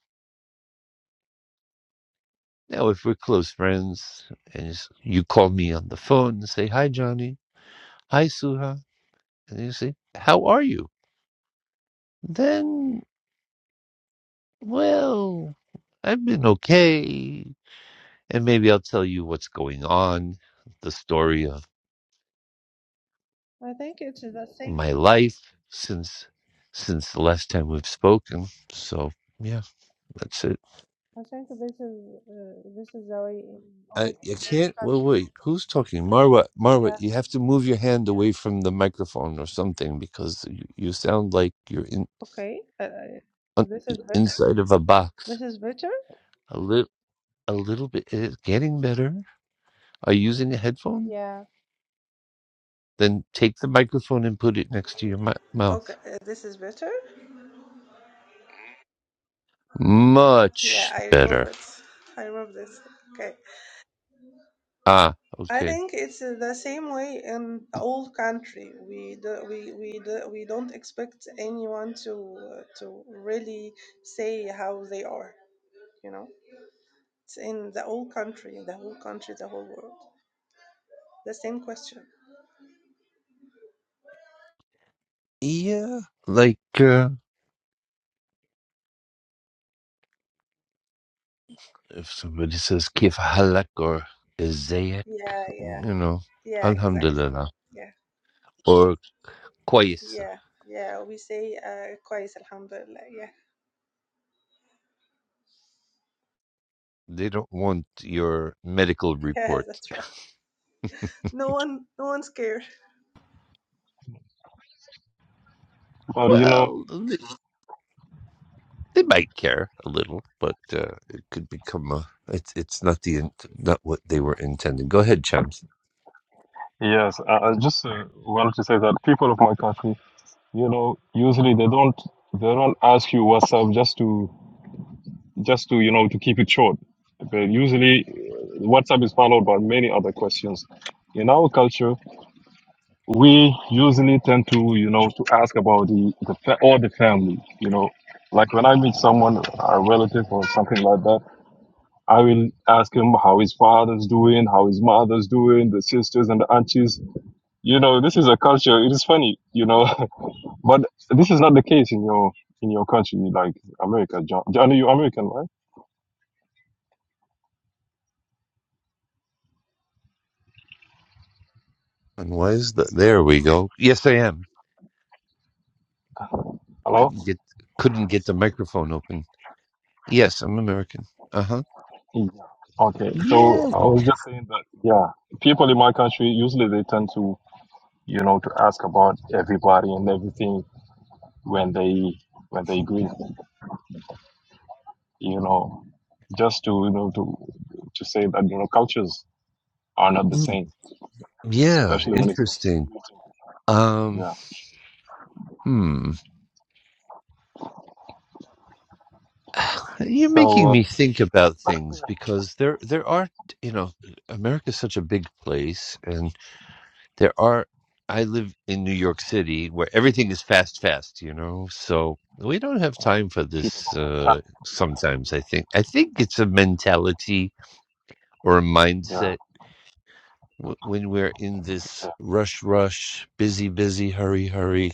S1: Now, if we're close friends, and you s- you call me on the phone and say, "Hi, Johnny," "Hi, Suha," and you say, "How are you?" Then, well, I've been okay. and maybe I'll tell you what's going on, the story of
S9: I think it's the
S1: my
S9: same.
S1: life since since the last time we've spoken. So yeah, that's it.
S9: I think this is uh, this is the way in
S1: I
S9: all
S1: I
S9: all
S1: can't wait.
S9: cultures.
S1: Wait, who's talking? Marwa,
S9: Yeah.
S1: Marwa, you have to move your hand away from the microphone or something because you, you sound like you're in
S9: Okay. Uh,
S1: on,
S9: this is better.
S1: inside of a box.
S9: This is better.
S1: A little, a little bit. It's getting better. Are you using a headphone?
S9: Yeah.
S1: Then take the microphone and put it next to your mou-
S9: Okay.
S1: mouth.
S9: uh, this is better. Yeah,
S1: Much
S9: I remove
S1: better.
S9: it. I remove this. Okay.
S1: Ah,
S9: I
S1: okay.
S9: think it's the same way in the old country. We do, we we do, we don't expect anyone to to really say how they are. You know, it's in the old country, the whole country, the whole world. The same question.
S1: Yeah, like uh, if somebody says kif halak or izayek,
S9: Yeah, yeah,
S1: you know,
S9: yeah, exactly.
S1: alhamdulillah
S9: Yeah,
S1: or kwayisa.
S9: yeah, yeah. We say uh, كويس الحمد لله. Yeah,
S1: They don't want your medical
S9: yeah,
S1: report.
S9: that's right.
S12: But you know,
S1: Well, they, they might care a little, but uh, it could become a. It's it's not the int- not what they were intending. Go ahead, Chams.
S12: yes. I, I just uh, wanted to say that people of my country, you know, usually they don't they don't ask you WhatsApp just to just to you know to keep it short. But usually, uh, WhatsApp is followed by many other questions. In our culture, we usually tend to you know to ask about the, the fa- or the family you know like when i meet someone a relative or something like that i will ask him how his father's doing how his mother's doing the sisters and the aunties you know this is a culture it is funny you know but this is not the case in your in your country like america john john are you american right
S1: And why is that? There we go. Yes, I am.
S12: hello
S1: Couldn't get couldn't get the microphone open. Yes, I'm American. Uh huh.
S12: yeah. okay so
S1: Yeah,
S12: i was just saying that yeah people in my country usually they tend to you know, to ask about everybody and everything when they when they agree, you know, just to you know to to say that you know cultures are not the same,
S1: Yeah,
S12: especially when it comes to
S1: interesting.
S12: greeting.
S1: Um,
S12: Yeah.
S1: hmm. You're making me
S12: So
S1: think about things because there there are, you know, America's such a big place and there are I live in New York City where everything is fast fast, you know. So we don't have
S12: uh,
S1: time for
S12: people
S1: this
S12: don't have
S1: uh
S12: time.
S1: sometimes I think. I think it's a mentality or a
S12: Yeah.
S1: mindset wh- when we're in this
S12: Yeah.
S1: rush rush, busy busy, hurry hurry.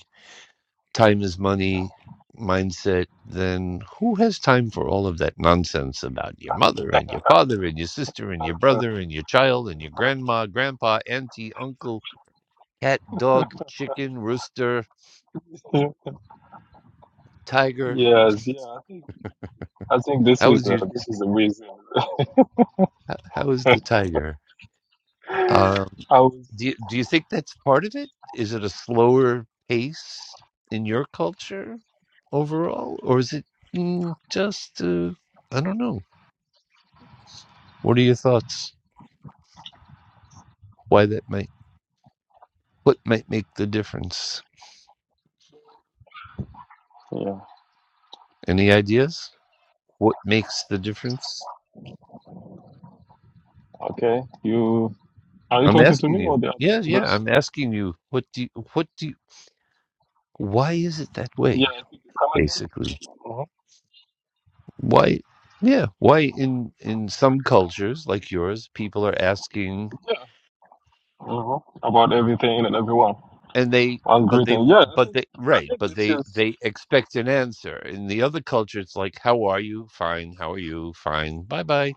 S1: time is money mindset, then who has time for all of that nonsense about your mother and your father and your sister and your brother and your child and your grandma, grandpa, auntie, uncle, cat, dog, chicken, rooster,
S12: Yeah. yeah.
S1: tiger?
S12: yes. Yeah. I think I think this
S1: How
S12: is
S1: is
S12: a,
S1: your
S12: this is a reason.
S1: how, how is the tiger?
S12: I
S1: Um,
S12: was.
S1: do you, do you think that's part of it? Is it a slower pace in your culture overall, or is it mm, just uh, I don't know? What are your thoughts? Why that might? What might make the difference?
S12: Yeah.
S1: Any ideas? What makes the difference?
S12: Okay. You are you
S1: I'm
S12: talking to
S1: asking
S12: me or
S1: you.
S12: the other
S1: Yeah, yeah,
S12: members?
S1: I'm asking you. What do you, what do you, why is it that
S12: Yeah.
S1: way?
S12: If you Come again.
S1: Basically,
S12: Mhm.
S1: why? Yeah, why in in some cultures like yours, people are asking,
S12: Yeah. hmm About everything and everyone.
S1: and they,
S12: That's
S1: but
S12: great
S1: they, w-
S12: Yeah, I
S1: but
S12: think
S1: they,
S12: I
S1: right,
S12: think
S1: but
S12: this
S1: they
S12: is
S1: they expect an answer. In the other culture, it's like, how are you? Fine. How are you? Fine. Bye bye.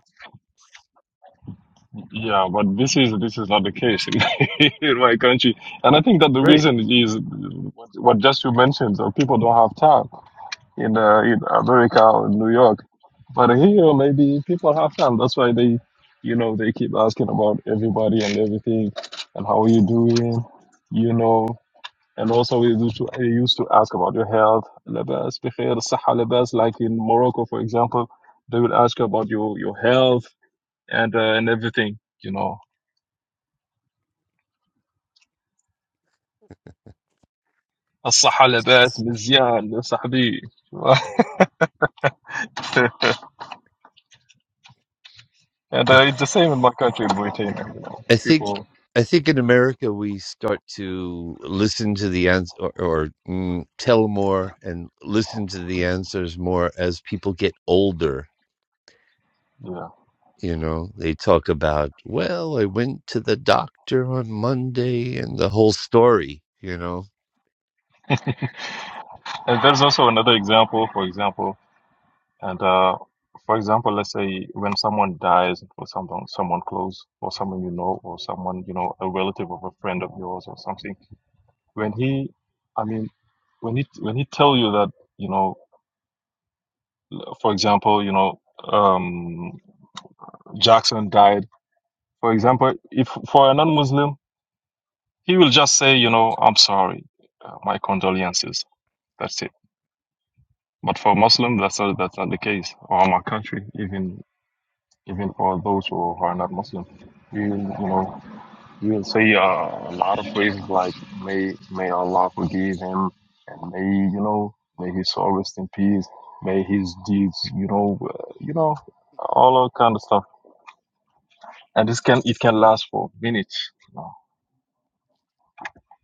S12: yeah, but this is this is not the case in, my country, and I think that the reason
S1: Right
S12: is what, what just you mentioned. That people don't have time in uh, in America or New York, but here maybe people have time. That's why they, you know, they keep asking about everybody and everything, and how you doing, you know. And also, we used to, we used to ask about your health, labas بخير, صحة labas, like in Morocco, for example, they will ask about your, your health and uh, and everything, you know. الصحة لباس مزيان يا صاحبي. and uh, it's the same in my country, Mauritania. You know,
S1: I think
S12: people,
S1: I think in America we start to listen to the ans or, or mm, tell more and listen to the answers more as people get older.
S12: yeah.
S1: You know, they talk about, well, I went to the doctor on Monday and the whole story, you know,
S12: And there's also another example, for example, and uh, for example, let's say when someone dies, or someone someone close, or someone you know, or someone you know, a relative of a friend of yours, or something when he i mean when he when he tell you that you know for example you know um jackson died for example if for a non-muslim he will just say you know i'm sorry uh, my condolences that's it but for muslim that's not that's not the case or my country even even for those who are not muslim we will, you know You will see uh, a lot of phrases like may may Allah forgive him and may you know may his soul rest in peace. May his deeds you know uh, you know all that kind of stuff. And this can it can last for minutes. You know.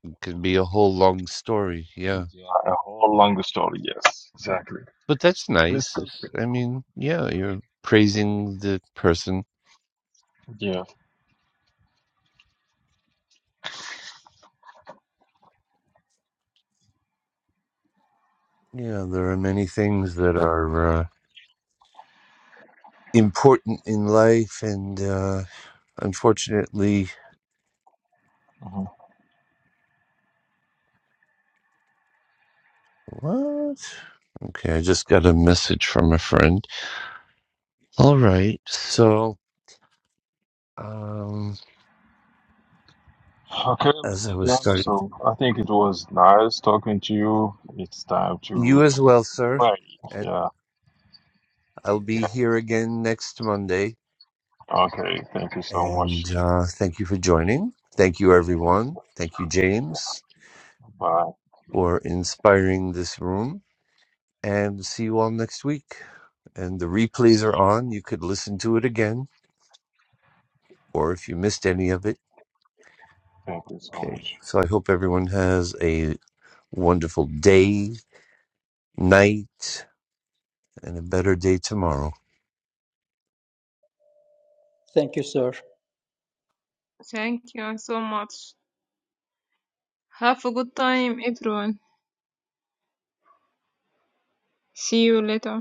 S1: it can be a whole long story. Yeah.
S12: Yeah, a whole longer story. Yes, exactly.
S1: But that's
S12: And it's
S1: nice.
S12: good.
S1: It's- I mean, yeah, you're praising the person.
S12: Yeah.
S1: Yeah, there are many things that are uh, important in life and Uh, Unfortunately,
S12: Mhm.
S1: what? Okay, I just got a message from a friend. All right. So, um,
S12: Okay,
S1: as
S12: Mr.
S1: I was
S12: Johnny.
S1: starting,
S12: So I think it was nice talking to you. It's time
S1: you
S12: to
S1: as
S12: go
S1: well, sir.
S12: pray.
S1: And
S12: Yeah.
S1: I'll be
S12: Yeah.
S1: here again next Monday.
S12: Okay. Thank you so much.
S1: And uh, thank you for joining. Thank you, everyone. Thank you, James,
S12: Bye.
S1: for inspiring this room. And see you all next week. And the replays are
S12: See,
S1: on. You could listen to it again, or if you missed any of it.
S12: thank you so
S1: Okay.
S12: much.
S1: So I hope everyone has a Wonderful day, night, and a better day tomorrow.
S8: Thank you, sir.
S11: Thank you so much. Have a good time, everyone. See you later.